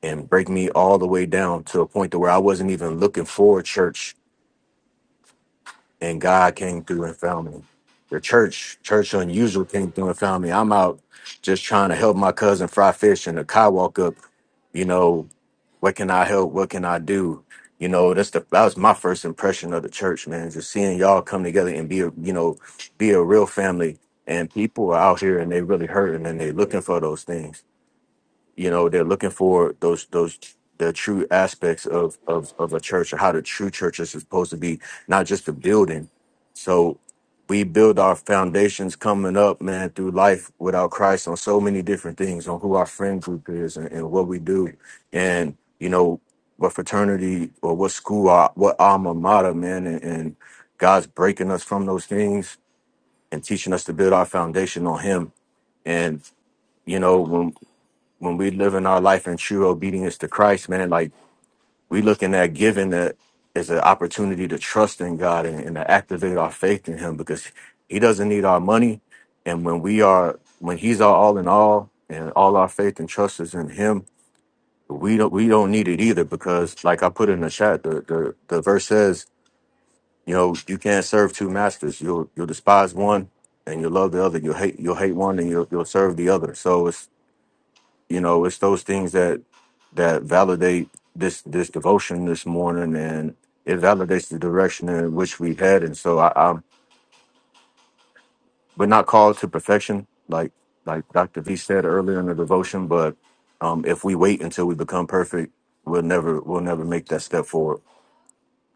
and break me all the way down to a point to where I wasn't even looking for church and God came through and found me. The church, church unusual, came through and found me. I'm out just trying to help my cousin fry fish, and the car walk up. You know, what can I help? What can I do? You know, that's the that was my first impression of the church, man. Just seeing y'all come together and be a you know, be a real family. And people are out here and they really hurting and they looking for those things you know they're looking for those those the true aspects of of of a church or how the true church is supposed to be not just the building so we build our foundations coming up man through life without christ on so many different things on who our friend group is and, and what we do and you know what fraternity or what school our, what alma mater man and, and god's breaking us from those things and teaching us to build our foundation on him and you know when when we live in our life in true obedience to Christ, man, like we looking at giving that as an opportunity to trust in God and, and to activate our faith in Him because He doesn't need our money. And when we are, when He's our all in all, and all our faith and trust is in Him, we don't we don't need it either because, like I put in the chat, the the, the verse says, you know, you can't serve two masters. You'll you'll despise one and you'll love the other. You'll hate you'll hate one and you'll you'll serve the other. So it's you know, it's those things that that validate this this devotion this morning, and it validates the direction in which we head. And so, I, I'm we're not called to perfection, like like Dr. V said earlier in the devotion. But um, if we wait until we become perfect, we'll never we'll never make that step forward,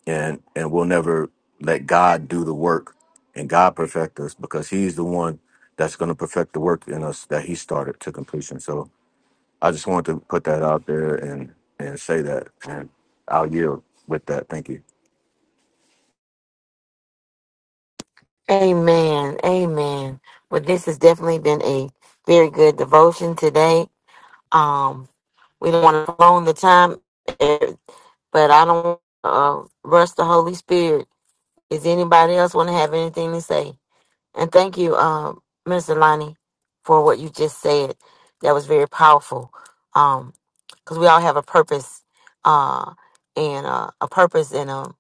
and and we'll never let God do the work and God perfect us because He's the one that's going to perfect the work in us that He started to completion. So I just wanted to put that out there and and say that, and I'll yield with that. Thank you. Amen. Amen. Well, this has definitely been a very good devotion today. Um, we don't want to prolong the time. but I don't uh, rush the Holy Spirit. Is anybody else want to have anything to say? And thank you, um, Minister Lonnie, for what you just said. That was very powerful. Um, because we all have a purpose, uh, and uh, a purpose, and um,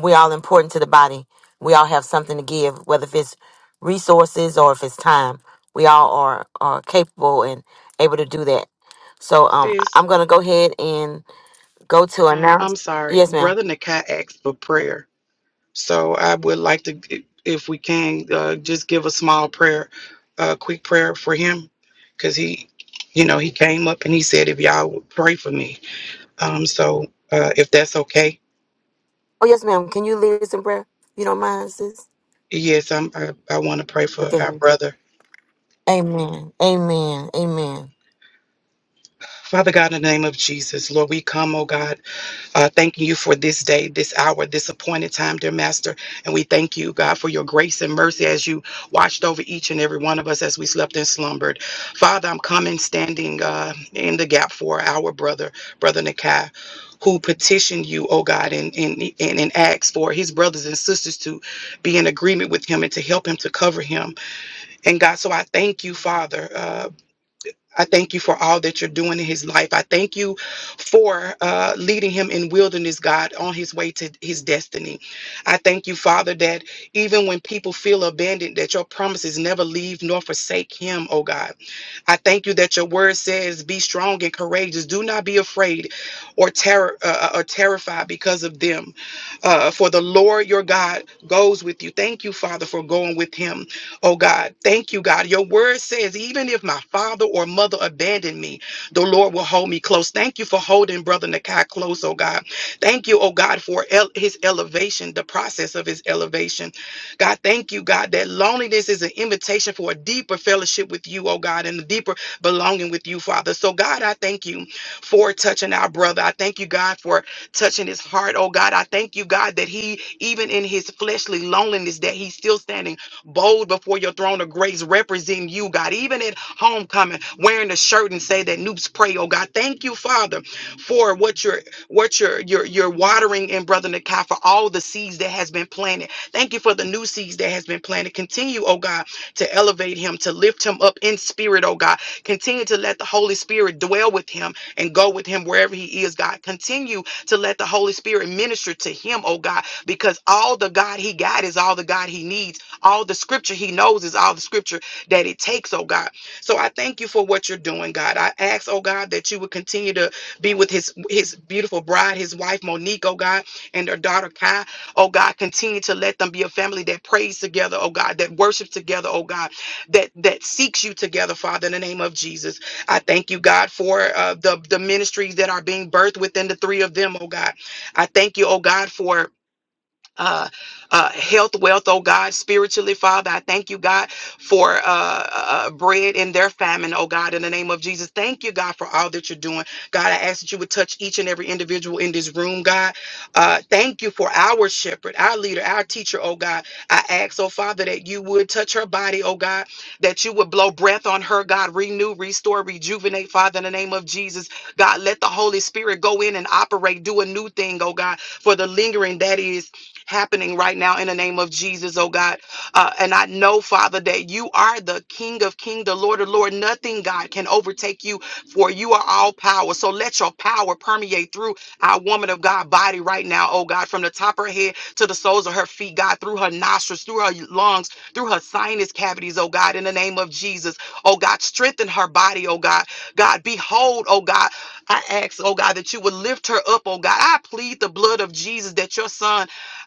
we all important to the body. We all have something to give, whether if it's resources or if it's time. We all are are capable and able to do that. So um, Sis, I'm gonna go ahead and go to uh, announce. I'm sorry. Yes, ma'am. Brother Nakai asked for prayer. So I would like to, if we can, uh, just give a small prayer, a quick prayer for him. Because he, you know, he came up and he said, if y'all would pray for me. Um, so uh, if that's okay. Oh, yes, ma'am. Can you lead us in prayer? You don't mind, sis? Yes, I'm, I, I want to pray for our Okay. brother. Amen. Amen. Amen. Father God, in the name of Jesus, Lord, we come, oh God. Uh, thanking you for this day, this hour, this appointed time, dear Master. And we thank you, God, for your grace and mercy as you watched over each and every one of us as we slept and slumbered. Father, I'm coming standing uh, in the gap for our brother, Brother Nakai. Who petitioned you, oh God, and, and, and, and asked for his brothers and sisters to be in agreement with him and to help him to cover him. And God, so I thank you, Father. uh, I thank you for all that you're doing in his life. I thank you for uh, leading him in wilderness, God, on his way to his destiny. I thank you, Father, that even when people feel abandoned, that your promises never leave nor forsake him, oh God. I thank you that your word says, "Be strong and courageous. Do not be afraid or terror uh, uh, or terrified because of them, uh, for the Lord your God goes with you." Thank you, Father, for going with him. Oh God, thank you, God. Your word says, even if my father or mother abandoned me, the Lord will hold me close. Thank you for holding Brother Nakai close, oh God. Thank you, oh God, for el- his elevation, the process of his elevation. God, thank you, God, that loneliness is an invitation for a deeper fellowship with you, oh God, and a deeper belonging with you, Father. So, God, I thank you for touching our brother. I thank you, God, for touching his heart, oh God. I thank you, God, that he, even in his fleshly loneliness, that he's still standing bold before your throne of grace, representing you, God, even at homecoming, wearing the shirt and say that noobs pray, oh God. Thank you, Father, for what you're what you're you're, you're watering in Brother Nakai for all the seeds that has been planted. Thank you for the new seeds that has been planted. Continue, oh God, to elevate him, to lift him up in spirit, oh God. Continue to let the Holy Spirit dwell with him and go with him wherever he is, God. Continue to let the Holy Spirit minister to him, oh God, because all the God he got is all the God he needs. All the scripture he knows is all the scripture that it takes, oh God. So I thank you for what you're doing, God. I ask, oh God, that you would continue to be with his his beautiful bride, his wife Monique, oh God, and their daughter Kai. Oh God, continue to let them be a family that prays together, oh God, that worships together, oh God, that that seeks you together, Father, in the name of Jesus. I thank you, God, for uh, the the ministries that are being birthed within the three of them, oh God. I thank you, oh God, for uh, uh, health, wealth, oh God, spiritually, Father. I thank you, God, for uh, uh, uh, bread in their famine, oh God, in the name of Jesus. Thank you, God, for all that you're doing. God, I ask that you would touch each and every individual in this room, God. Uh, thank you for our shepherd, our leader, our teacher, oh God. I ask, oh Father, that you would touch her body, oh God, that you would blow breath on her, God, renew, restore, rejuvenate, Father, in the name of Jesus. God, let the Holy Spirit go in and operate, do a new thing, oh God, for the lingering that is happening right now in the name of Jesus, oh God. Uh, and I know, Father, that you are the King of King, the Lord of Lord. Nothing, God, can overtake you, for you are all power. So let your power permeate through our woman of God body right now, oh God, from the top of her head to the soles of her feet, God, through her nostrils, through her lungs, through her sinus cavities, oh God, in the name of Jesus. Oh God, strengthen her body, oh God. God, behold, oh God, I ask, oh God, that you would lift her up, oh God. I plead the blood of Jesus that your son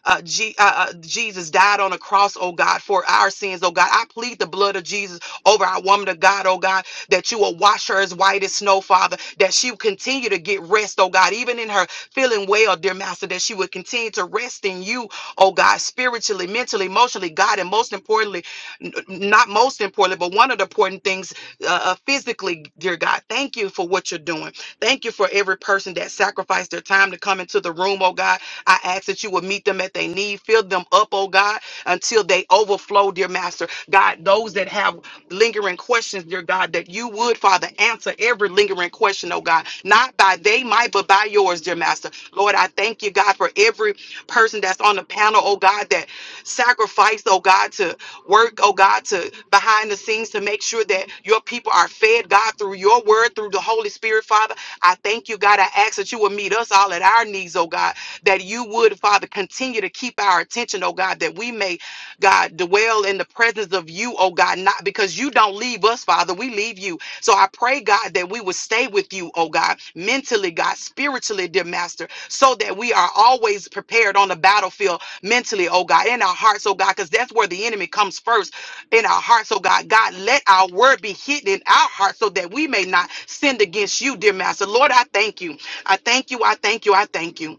uh, G, uh, uh, Jesus died on a cross, oh God, for our sins, oh God. I plead the blood of Jesus over our woman of God, oh God, that you will wash her as white as snow, Father, that she will continue to get rest, oh God, even in her feeling well, dear Master, that she would continue to rest in you, oh God, spiritually, mentally, emotionally, God, and most importantly, n- n- not most importantly, but one of the important things, uh, uh, physically, dear God. Thank you for what you're doing. Thank you for every person that sacrificed their time to come into the room, oh God. I ask that you would meet them at their need, fill them up, oh God, until they overflow, dear Master. God, those that have lingering questions, dear God, that you would, Father, answer every lingering question, oh God, not by they might, but by yours, dear Master. Lord, I thank you, God, for every person that's on the panel encounter, oh God, that sacrifice, oh God, to work, oh God, to behind the scenes to make sure that your people are fed, God, through your word, through the Holy Spirit, Father. I thank you, God. I ask that you would meet us all at our needs. oh God, that you would, Father, continue to keep our attention, oh God, that we may God, dwell in the presence of you, oh God, not because you don't leave us, Father, we leave you. So I pray, God, that we would stay with you, oh God, mentally, God, spiritually, dear Master, so that we are always prepared on the battlefield mentally, oh God, in our hearts, oh God, because that's where the enemy comes first in our hearts, oh God. God, let our word be hidden in our hearts so that we may not sin against you, dear Master. Lord, I thank you. I thank you. I thank you. I thank you.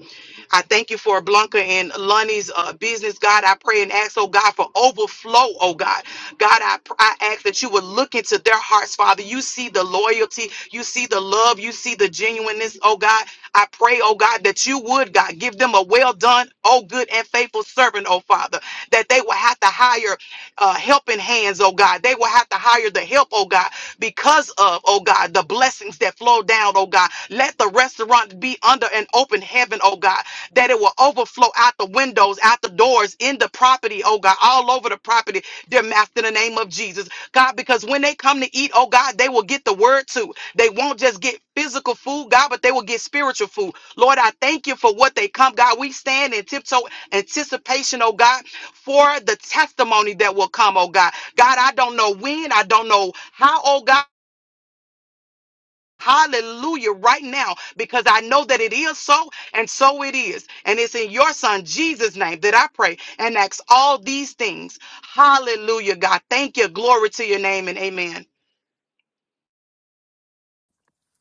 I thank you for Blanca and Lonnie's uh, business, God. I pray and ask, oh God, for overflow, oh God. God, I, pr- I ask that you would look into their hearts, Father. You see the loyalty, you see the love, you see the genuineness, oh God. I pray, oh God, that you would, God, give them a well done, oh good and faithful servant servant, oh Father, that they will have to hire uh, helping hands, oh God. They will have to hire the help, oh God, because of, oh God, the blessings that flow down, oh God. Let the restaurant be under an open heaven, oh God, that it will overflow out the windows, out the doors, in the property, oh God, all over the property, dear Master, in the name of Jesus, God, because when they come to eat, oh God, they will get the word too. They won't just get physical food, God, but they will get spiritual food. Lord, I thank you for what they come, God. We stand and tiptoe anticipation, oh God, for the testimony that will come, oh God. God, I don't know when, I don't know how, oh God. Hallelujah, right now, because I know that it is so, and so it is. And it's in your son Jesus' name that I pray and ask all these things. Hallelujah, God. Thank you. Glory to your name, and amen.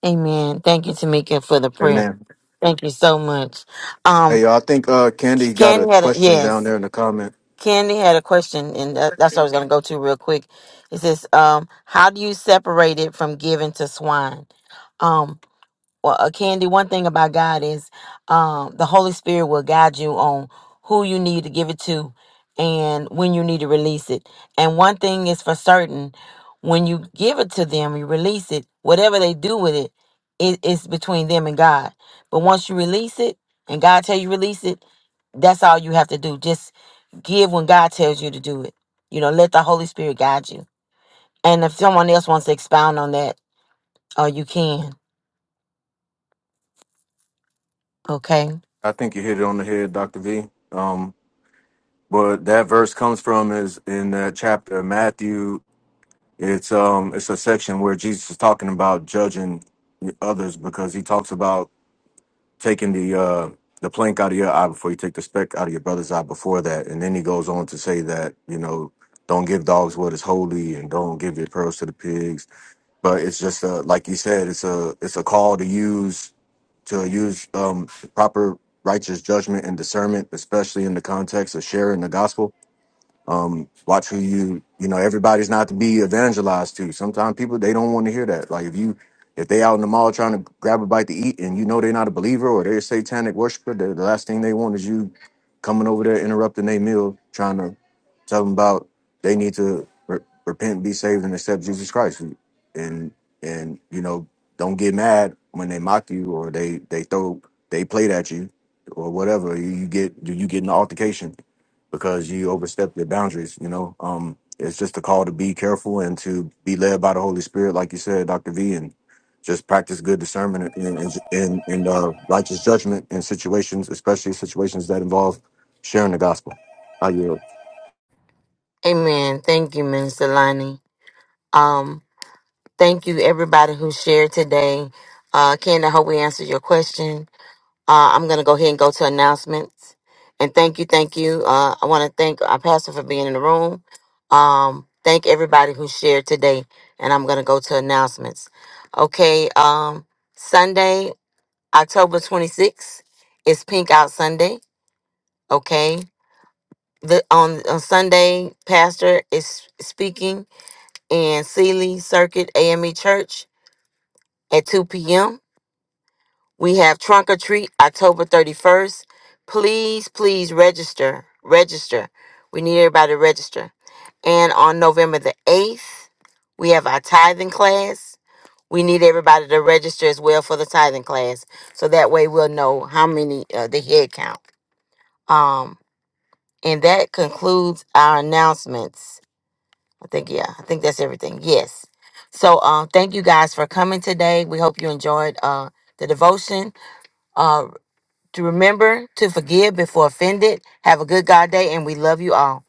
Amen. Thank you, Tamika, for the prayer. Amen. Thank you so much. Um, Hey, y'all, I think uh, Candy got a Candy had a, question down yes, there in the comment. Candy had a question, and that, that's what I was going to go to real quick. It says, um, how do you separate it from giving to swine? Um, well, uh, Candy, one thing about God is um, the Holy Spirit will guide you on who you need to give it to and when you need to release it. And one thing is for certain when you give it to them, you release it, whatever they do with it, it is between them and God. But once you release it and God tell you release it, that's all you have to do. Just give when God tells you to do it. You know, let the Holy Spirit guide you. And if someone else wants to expound on that, uh, you can. Okay. I think you hit it on the head, Doctor V. Um, but that verse comes from is in that chapter of Matthew. It's um, it's a section where Jesus is talking about judging others because he talks about taking the uh the plank out of your eye before you take the speck out of your brother's eye before that. And then he goes on to say that, you know, don't give dogs what is holy and don't give your pearls to the pigs. But it's just a like you said, it's a it's a call to use to use um proper righteous judgment and discernment, especially in the context of sharing the gospel um watch who you you know everybody's not to be evangelized to sometimes people they don't want to hear that like if you if they out in the mall trying to grab a bite to eat and you know they're not a believer or they're a satanic worshiper the, the last thing they want is you coming over there interrupting their meal trying to tell them about they need to re- repent be saved and accept jesus christ and and you know don't get mad when they mock you or they they throw they plate at you or whatever you, you get you get an altercation because you overstepped your boundaries. You know, um, it's just a call to be careful and to be led by the Holy Spirit, like you said, Doctor V, and just practice good discernment and and, and, and uh, righteous judgment in situations, especially situations that involve sharing the gospel. I yield. Amen. Thank you, Minister Lonnie. Um, thank you everybody who shared today. Uh, Ken, I hope we answered your question. Uh, I'm gonna go ahead and go to announcements. And thank you, thank you. Uh, I want to thank our pastor for being in the room. Um, thank everybody who shared today. And I'm gonna go to announcements. Okay. Um, Sunday, October 26th is Pink Out Sunday. Okay. The on on Sunday, Pastor is speaking in Sealy Circuit AME Church at 2 p.m. We have Trunk or Treat October 31st. Please, please register. Register. We need everybody to register. And on November the 8th, we have our tithing class. We need everybody to register as well for the tithing class. So that way we'll know how many, uh, the head count. Um, and that concludes our announcements. I think yeah, I think that's everything. Yes. So um thank you guys for coming today. We hope you enjoyed uh the devotion. Uh to remember to forgive before offended. Have a good God day and we love you all.